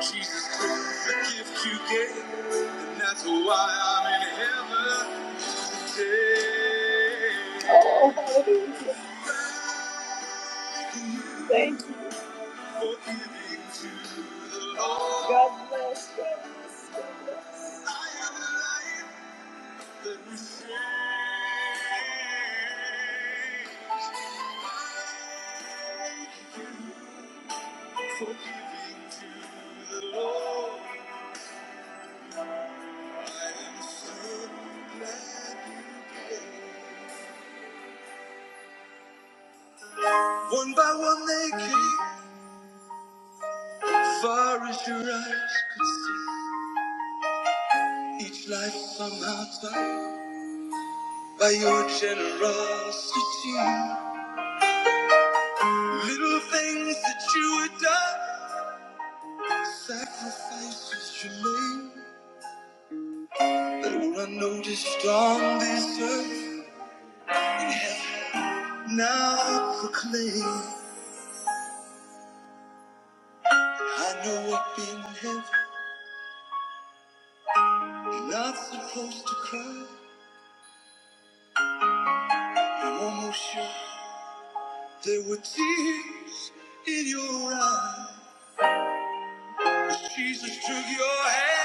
Jesus took the gift you gave, and that's why I'm in heaven today. Go. One by one they came, far as your eyes could see. Each life somehow touched by your generosity. Little things that you had done, sacrifices you made, that were unnoticed on this earth. Now I proclaim, I know up in heaven, you're not supposed to cry. I'm almost sure there were tears in your eyes. But Jesus took your hand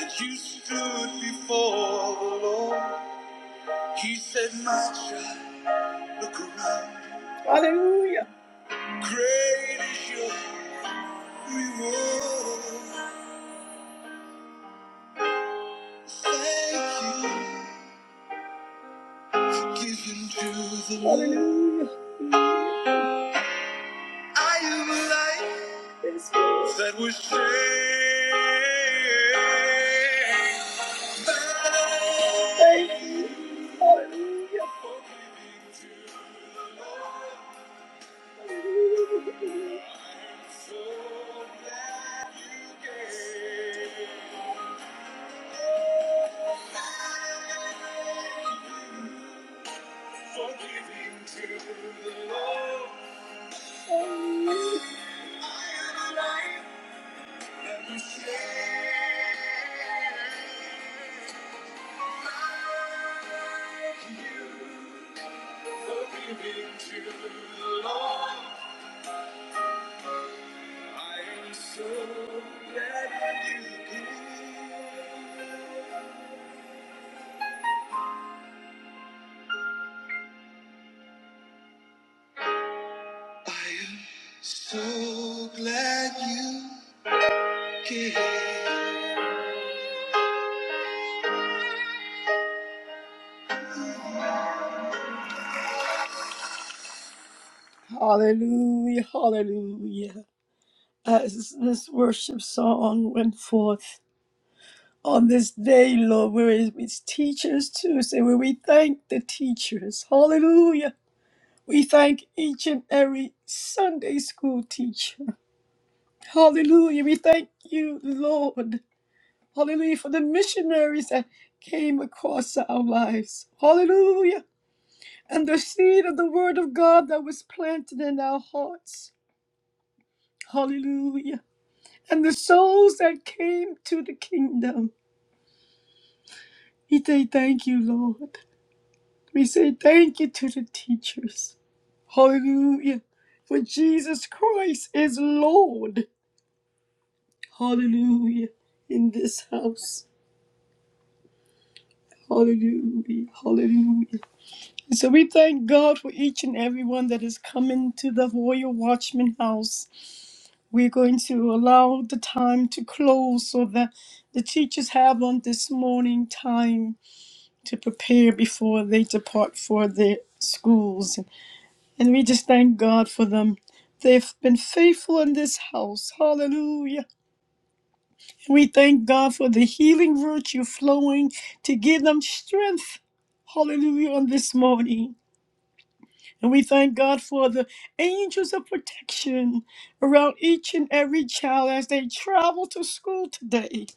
and you stood before the Lord. He said, My child, look around. Hallelujah. Great is your reward. Thank you, given to the Lord. Hallelujah. I am a light that was saved. Thank you. Hallelujah. So that you gave. So glad you came. I am so glad you came. Hallelujah, hallelujah. As this worship song went forth on this day, Lord, where it is Teachers Tuesday, where we thank the teachers. Hallelujah. We thank each and every Sunday school teacher. Hallelujah. We thank you, Lord. Hallelujah for the missionaries that came across our lives. Hallelujah. And the seed of the word of God that was planted in our hearts. Hallelujah. and the souls that came to the kingdom. We say thank you, Lord. We say thank you to the teachers. Hallelujah. For Jesus Christ is Lord. Hallelujah. In this house. Hallelujah. Hallelujah. So we thank God for each and everyone that is coming to the Royal Watchman House. We're going to allow the time to close so that the teachers have on this morning time to prepare before they depart for their schools. And we just thank God for them. They've been faithful in this house. Hallelujah. We thank God for the healing virtue flowing to give them strength. Hallelujah on this morning. And we thank God for the angels of protection around each and every child as they travel to school today.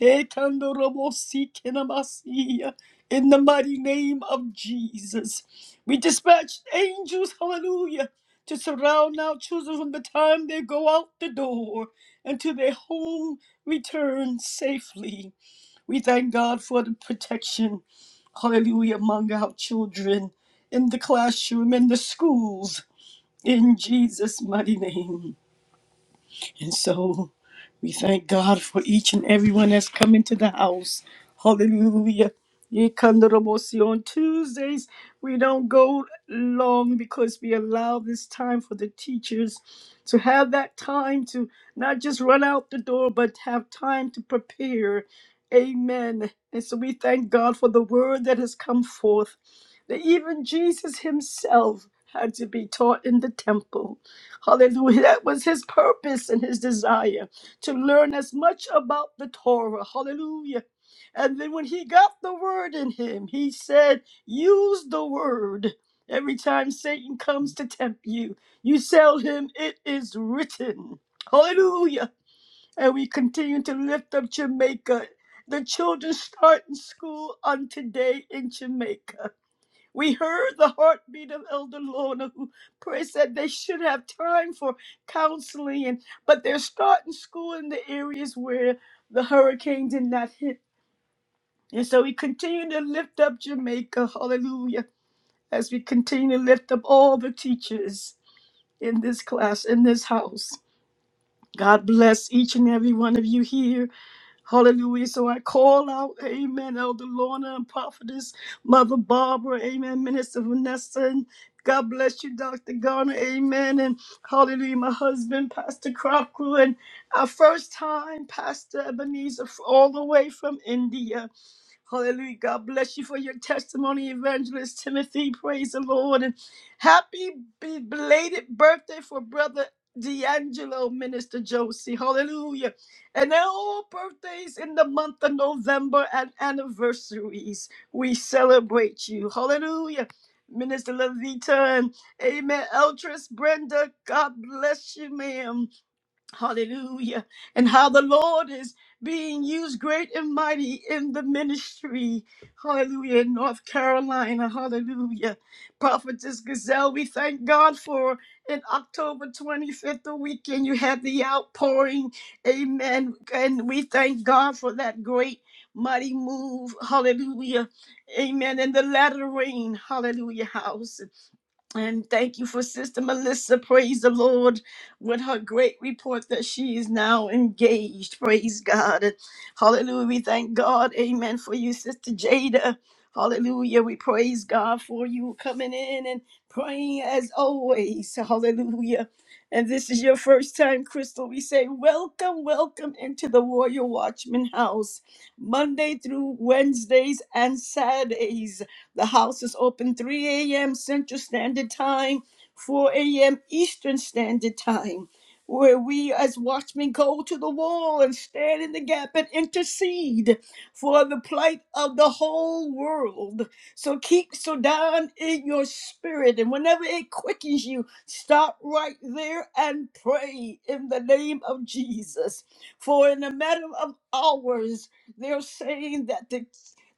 Ekandorobosikinabasia, In the mighty name of Jesus, we dispatch angels, hallelujah, to surround our children from the time they go out the door until to their home return safely. We thank God for the protection hallelujah, among our children in the classroom, in the schools, in Jesus' mighty name. And so, we thank God for each and everyone that's come into the house. Hallelujah. Ye kandarabosi. On Tuesdays, we don't go long because we allow this time for the teachers to have that time to not just run out the door, but have time to prepare. Amen. And so we thank God for the word that has come forth, that even Jesus himself had to be taught in the temple. Hallelujah. That was his purpose and his desire to learn as much about the Torah. Hallelujah. And then when he got the word in him, he said, Use the word. Every time Satan comes to tempt you, you tell him, It is written. Hallelujah. And we continue to lift up Jamaica. The children start in school on today in Jamaica. We heard the heartbeat of Elder Lorna, who prays that they should have time for counseling, and but they're starting school in the areas where the hurricane did not hit. And so we continue to lift up Jamaica, hallelujah, as we continue to lift up all the teachers in this class, in this house. God bless each and every one of you here. Hallelujah. So I call out, Amen, Elder Lorna and Prophetess, Mother Barbara, Amen, Minister Vanessa, and God bless you, Dr. Garner, Amen, and Hallelujah, my husband, Pastor Crocker, and our first time, Pastor Ebenezer, all the way from India. Hallelujah. God bless you for your testimony, Evangelist Timothy. Praise the Lord. And happy be- belated birthday for Brother D'Angelo, Minister Josie. Hallelujah. And they're all birthdays in the month of November and anniversaries. We celebrate you. Hallelujah. Minister Levita and Amen. Eltress Brenda, God bless you, ma'am. Hallelujah. And how the Lord is being used great and mighty in the ministry. Hallelujah. In North Carolina. Hallelujah. Prophetess Gazelle, we thank God for in October 25th, the weekend, you had the outpouring. Amen. And we thank God for that great, mighty move. Hallelujah. Amen. In the latter rain. Hallelujah. House. And thank you for Sister Melissa. Praise the Lord with her great report that she is now engaged. Praise God. And Hallelujah. We thank God. Amen. For you, Sister Jada. Hallelujah. We praise God for you coming in and praying as always. Hallelujah. And this is your first time, Crystal. We say, Welcome, welcome into the Warrior Watchman House, Monday through Wednesdays and Saturdays. The house is open 3 a.m. Central Standard Time, 4 a.m. Eastern Standard Time, where we as watchmen go to the wall and stand in the gap and intercede for the plight of the whole world. So keep Sudan in your spirit, and whenever it quickens you, stop right there and pray in the name of Jesus. For in a matter of hours, they're saying that the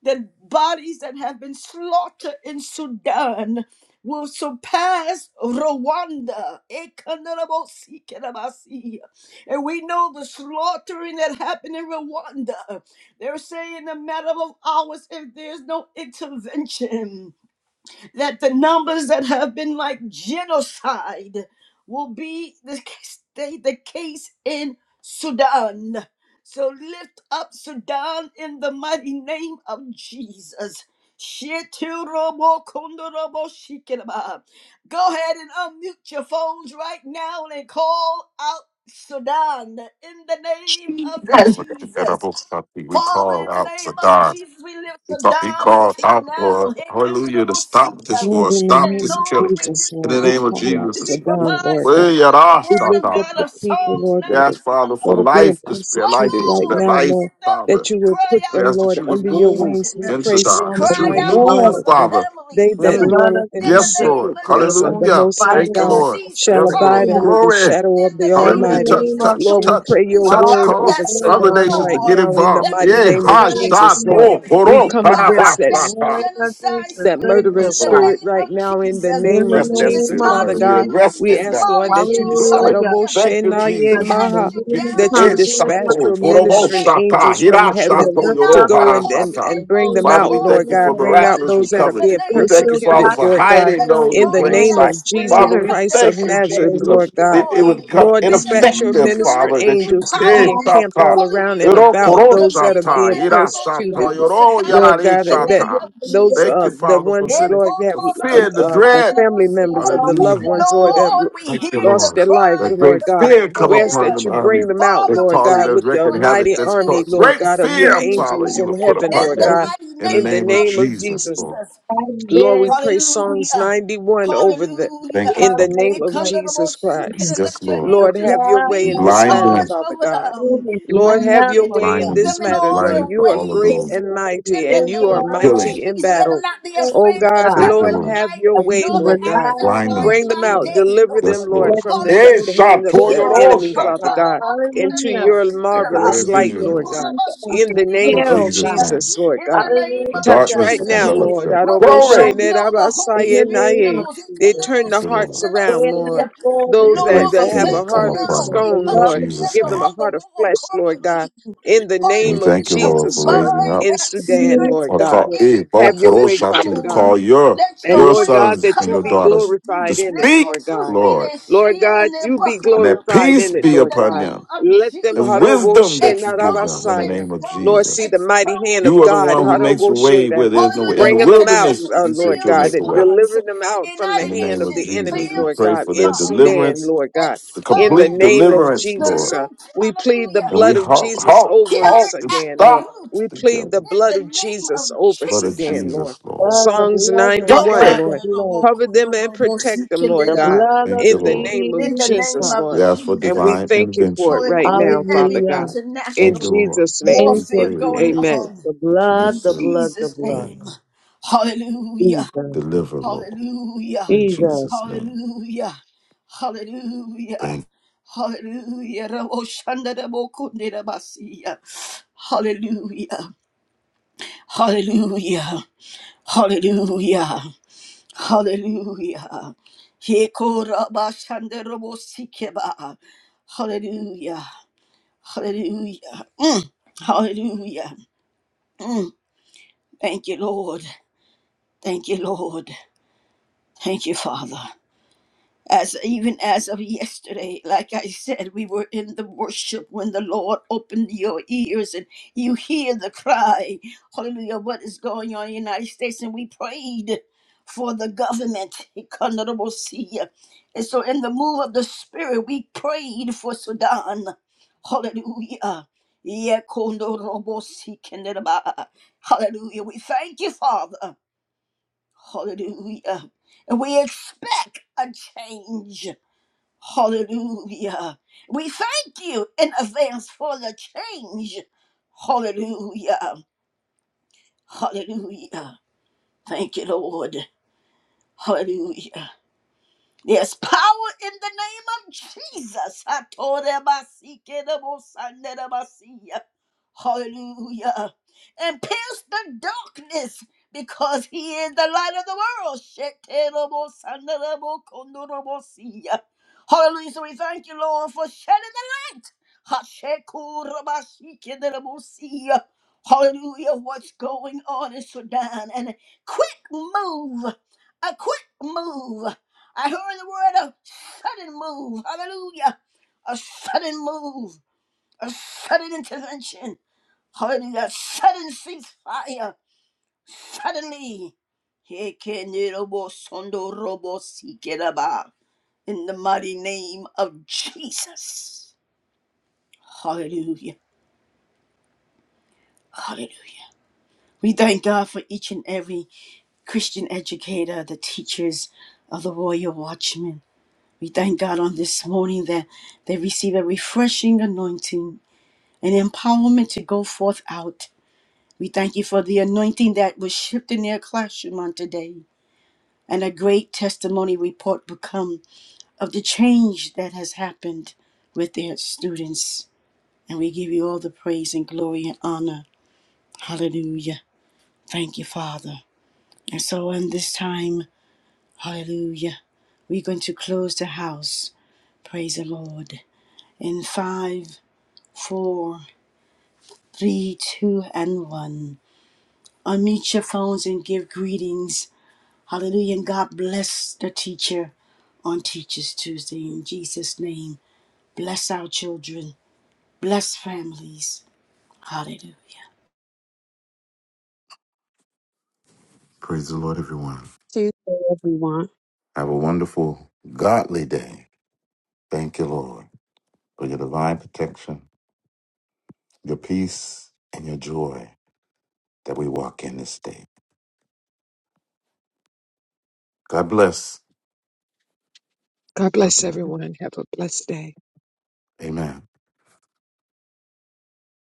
the bodies that have been slaughtered in Sudan will surpass Rwanda. Ekanarabosikirabasi. And we know the slaughtering that happened in Rwanda. They're saying in a matter of hours, if there's no intervention, the numbers that have the stays in Sudan. So lift up Sudan in the mighty name of Jesus. Shit, Go ahead and unmute your phones right now. All out in the internet.
We
Father,
call
in the
out
name of
Sadar.
Jesus, we lift
He,
the
called, he
down up
called
to you
out,
now.
Lord,
Here can the
hallelujah, to
Lord see
stop this
you.
Lord,
war,
in the
stop
And
name
this
of
Lord,
killing.
we
Jesus,
In
Lord,
the
we
name
dispatch
of
angels.
call out
to be
Jesus.
Sudan, Lord God.
provided
We are
by the
We
word
lift
of
Shatta.
up
God
the
of
people,
Psalms
Lord,
We
that are,
ask, Father,
91,
for
that are being
life to
Lord.
spare life,
persecuted
to
right
Oh
spare
Lord,
now,
we
life,
Lord,
lift up and
Father.
that you
we
will
cry
put
We
out
them,
ask
for
that
Lord,
the
you
under
would
your
move
wings. We
children.
in
pray
We
Sudan,
Psalms
that you
cry
would
out
91
move,
for
over
the
them.
Father.
They
The
families.
that
Mm.
blood
dwelleth
of
in
In
the
the
Yes,
Jesus
name
Lord.
secret
of
place
Jesus,
of
covers.
the
we
Hallelujah.
Most
Fight
speak
High
Thank you,
as a
God
against
Lord.
shall
our
Yes,
abide
Lord.
under
enemies.
ceasefire.
the
Glory.
shadow
In
of
the
the
In
name
the
Hallelujah.
of
Almighty.
Touch,
name
Jesus,
of
touch,
Lord, we
touch,
Jesus,
pray
completely
your
all
touch.
for
word
stop
the
over
that
Cause
glory
civil
other
of
Sudan
nations to
God.
right
war
get
now in the
involved.
that
mighty
Yeah,
Please,
name
the
of
hi,
blood
genocide
of
Jesus,
stop,
Lord.
pull,
Jesus,
spirit.
We
We
pull,
come
stop
against
bind
the
that
that
warring against
genocide
the
that
spirit
saints
murdering
Yes,
in
of
the
Lord.
God.
spirit
name
right
of
now in the
Jesus.
name of
Arrest
We
that
Jesus,
spirit of
dismantle
Father
murder. We
God.
you, we
arrest
We
it
ask,
now.
Lord,
demolish
that you
you,
dis-
Glory.
Hallelujah.
hallelujah.
Thank you,
We
Said
Jesus.
when
that
cast you
the enemy
down,
you
comes in
Eshato,
dispatch
like
hallelujah.
your
the
In the
Horobo
flood,
ministering
name
Shata,
of
angels from
we
Jesus,
heaven
will
we
Hirashato,
lift
to
knock
yoro
up
the
go and, and,
Jesus
Harashata.
horsemen
and
and
bring
off
them
thank
the
Father,
out,
we
you,
thank
Lord
you
horse.
for
God.
Lord
Bring
God.
out
miraculous
those
Hallelujah.
that are
In
recovery.
the
being
We
Thank
name
thank
of
you,
you,
Father,
persecuted,
God,
Jesus,
for
Lord
we
for the
God,
hiding
stand,
those
the
in
in
the
expose
plain
stand,
name
that
the
sight.
of
spirit
Father,
Jesus
that
standards
we
come to
Christ of
thank you,
kill
that
Nazareth,
are
Jesus, of-
Lord
lifted
God.
up
that it would
destroyed.
against
become
In
Lord,
the
the name
dispatch
of
your
enemy.
ineffective,
Jesus, to
ministered
Father,
render
that
you
you
angels to be
eh,
All
powerless.
encamped
Sata.
all
things
around
Hallelujah.
and
We
Yoro
to
take
about
koro
bring
those that are
dominion
us
Sata,
being
and
up to
Ira
that
Sata,
authority
persecuted,
place.
over
Yoro
Saddam
Lord
yarare
in
God,
the
that
In
name
the
Sata.
of
those
kingdom,
Thank
uh
you,
Jesus.
the
Father, for
ones
sitting
lord that
the fear,
in
have
the
uh, uh, the
everything
dread.
we
family
do,
members
Ekotorabasayarabosia.
of
all
the
of
Hallelujah.
loved
us
ones lord
for.
that
Lord,
have
we
Thank you,
hear the
lost
Lord.
their lives
cry
That
of
lord
great
the
god
fear
And
people
come
we ask
upon
there.
that
them,
you
keep
bring
army
them out
Father,
that
lord
we
causes
god
that
thank
with
you
the
record
for
havoc.
mighty
That's
army
called
international
lord
great
god of your
fear,
doing it
intervention
Father,
angels
all
you have
in
put
of
heaven
upon
in
lord
them.
the
god
mighty
In the
in the
name
name of
of
name of
Jesus,
jesus
Lord.
Jesus.
I've
Lord, we
been,
pray Psalms
Hallelujah.
91 over the
Thank you,
Hallelujah.
in the
Father.
name
We
of
come
loved
to the
Jesus
most secret
The
Christ.
and
Yes,
let your
Lord.
Lord,
angels
have your way
And
in
be in
this
blind
love
matter,
them.
charge
Father
over
God.
them.
is the
Lord, have your
Hallelujah.
Lamb
To
of
way
Blind
in
God.
them.
keep
We
this
them in
speak
matter,
all
God.
their
blindness to
You are
all of
great
Take
those
ways
and
away the
mighty,
in the
and
sins of
you
that
are
the
name
are
of
killing.
world.
mighty in
Jesus. Let them
battle.
not be
Thank
Oh
afraid
you,
of the
God,
God.
Thank you,
terror
Lord,
of the
Lord.
have
night,
your
that we
way,
nor
can
the
Lord
rely
God.
arrows that
Blind
fly
on
them.
Bring
you,
them
by
out,
Lord.
day,
deliver them,
Yes,
Lord.
Lord.
Lord,
That
from the,
you
Eh,
will
the
Hallelujah,
hand of the
shatoro,
deliver
Jesus.
us,
enemy,
oh
Father
shata.
God.
God, into
Hallelujah.
your
Take away their
marvelous
And we
light,
vision,
will
Lord.
Lord God.
see and
In the
In
name
prepare,
of
oh
Jesus'
God.
name.
Jesus, Lord
In
God.
the name
The
of
Touch
Hallelujah.
darkness
right
For you
now,
Jesus.
envelops
Lord.
give
them.
us
What we
Glory.
don't
time
know, the
in
Holy
the
Spirit
name
Aroboshenerabasayenaye.
of
knows.
They
Jesus.
turn
Thank
the
you, Lord.
hearts
Pray
around,
in our
Lord.
prayer that
The
Those
you will
that,
Lord,
grace
that
we
cover
be
have
the
a
that
thank
come
you
heart of
families
upon
now.
that
them
We
they
stone,
come
in
love,
Lord,
Jesus'
together
give them
name.
a
on the
heart of
wall
flesh, Lord God.
corporately.
In the
And we
name of
thank you,
Hallelujah.
Lord,
We
for
Jesus, Lord,
raising up
bind
in
that
the
Sudan,
spirit
Lord
or
God.
community,
call
in
eh, bon,
Have your
Jesus'
way,
korosha,
mighty
Father
to
God.
name.
call your
Let
And
your
your
Lord
wings
God,
sons
that
and
you
cover
your
be
daughters
them.
to
glorified in it,
Let your
speak,
Lord
truth
God.
be
Lord,
their
Lord
shield
God,
and their
you be
and
buckler
that
glorified
peace
in it,
be
in
Lord
the
upon
God.
them
name of
Let them
and
Jesus.
wisdom
Haroboshe
that you give them
Expose,
in the
Narabasaya.
name of
expose,
Lord, see
Jesus.
the mighty hand
expose,
You
of
are the
God,
one who makes a
expose.
Haroboshe,
way where
that
there's no
Hallelujah.
way. In
The
the
bringing them out,
wilderness,
international
uh,
you said
Lord
you'll
failed
God,
make a
that
way.
response.
delivering them
The
out from
In
the
the
United
hand
name
of
of
Nations
the enemy,
Jesus, we
failed
Lord
to
pray
God,
for their
in
respond.
Sudan,
deliverance,
Lord God.
the
In the
complete
Expose
name
the
of
deliverance,
Jesus,
Lord
uh,
root.
we plead the
Hallelujah.
And we
blood of
halt,
We
Jesus
halt,
over
killed
halt,
it
and
at
Sudan,
the
Lord.
stop
root
We
the
plead the
killing.
in
blood
the
of
name of
Jesus over
Blood of
Jesus.
Sudan, Lord.
Jesus, Lord.
blood, the
Psalms
blood, the
91,
blood,
Glory.
the
Lord.
blood,
Cover them and protect them, Lord
the
God,
blood of
Thank you,
in the
Lord.
name of
In the
Jesus
name
Jesus,
Christ.
of
Lord.
We ask for
And
Jesus.
we
divine
thank you for
intervention.
it right now,
Hallelujah. Every
Father
Hallelujah.
God. In
Thank you,
international
Lord.
Jesus' name,
Thank
We
you,
warfare
pray,
going
Lord,
Jesus.
amen.
on
The
that you will
blood,
in
the
still
blood, the
Jesus'
blood.
pray
name. Hallelujah.
and
Jesus,
deliver, Lord,
Yeah.
in
Jesus.
Jesus' name.
Hallelujah. Yeah.
Thank you.
Yeah. Rabo shanda rabo kunde rabasiya. Hallelujah. Hallelujah. Hallelujah. Hallelujah. Heko raba shanda rabo sikeba. Hallelujah. Hallelujah. Mm. Hallelujah. Mm. Thank you, Lord. Thank you, Lord. Thank you, Father. as even as of yesterday like i said we were in the worship when the lord opened your ears and you hear the cry hallelujah what is going on in the united states and we prayed for the government and so in the move of the spirit we prayed for sudan hallelujah hallelujah we thank you father hallelujah and we expect a change Hallelujah. We thank you in advance for the change. Hallelujah. Hallelujah. Thank you, Lord. Hallelujah. There's power in the name of Jesus. Atoremasikerabosanerabasiya. Hallelujah. And pierce the darkness because he is the light of the world. Shekerabosanarebokondorobosiya. Hallelujah. So we thank you, Lord, for shedding the light. Hashekurabasikerabosiya. Hallelujah. What's going on in Sudan? And a quick move. A quick move. I heard the word of sudden move. Hallelujah. A sudden move. A sudden intervention. Hallelujah. A Sudden ceasefire. Suddenly. Hekenirobosondorobosikiraba. In the mighty name of Jesus. Hallelujah. Hallelujah. We thank God for each and every Christian educator, the teachers of the Royal Watchmen. We thank God on this morning that they receive a refreshing anointing and empowerment to go forth out. We thank you for the anointing that was shipped in their classroom on today, and a great testimony report will come of the change that has happened with their students. And we give you all the praise and glory and honor. Hallelujah. Thank you, Father. And so, in this time, hallelujah, we're going to close the house. Praise the Lord. In five, four, three, two, and one. Unmute your phones and give greetings Hallelujah. And God bless the teacher on Teachers Tuesday in Jesus' name. Bless our children. Bless families. Hallelujah.
Praise the Lord, everyone.
Tuesday, everyone.
Have a wonderful, godly day. Thank you, Lord, for your divine protection, your peace, and your joy that we walk in this day. God bless.
God bless
Amen.
everyone. Have a blessed day.
Amen.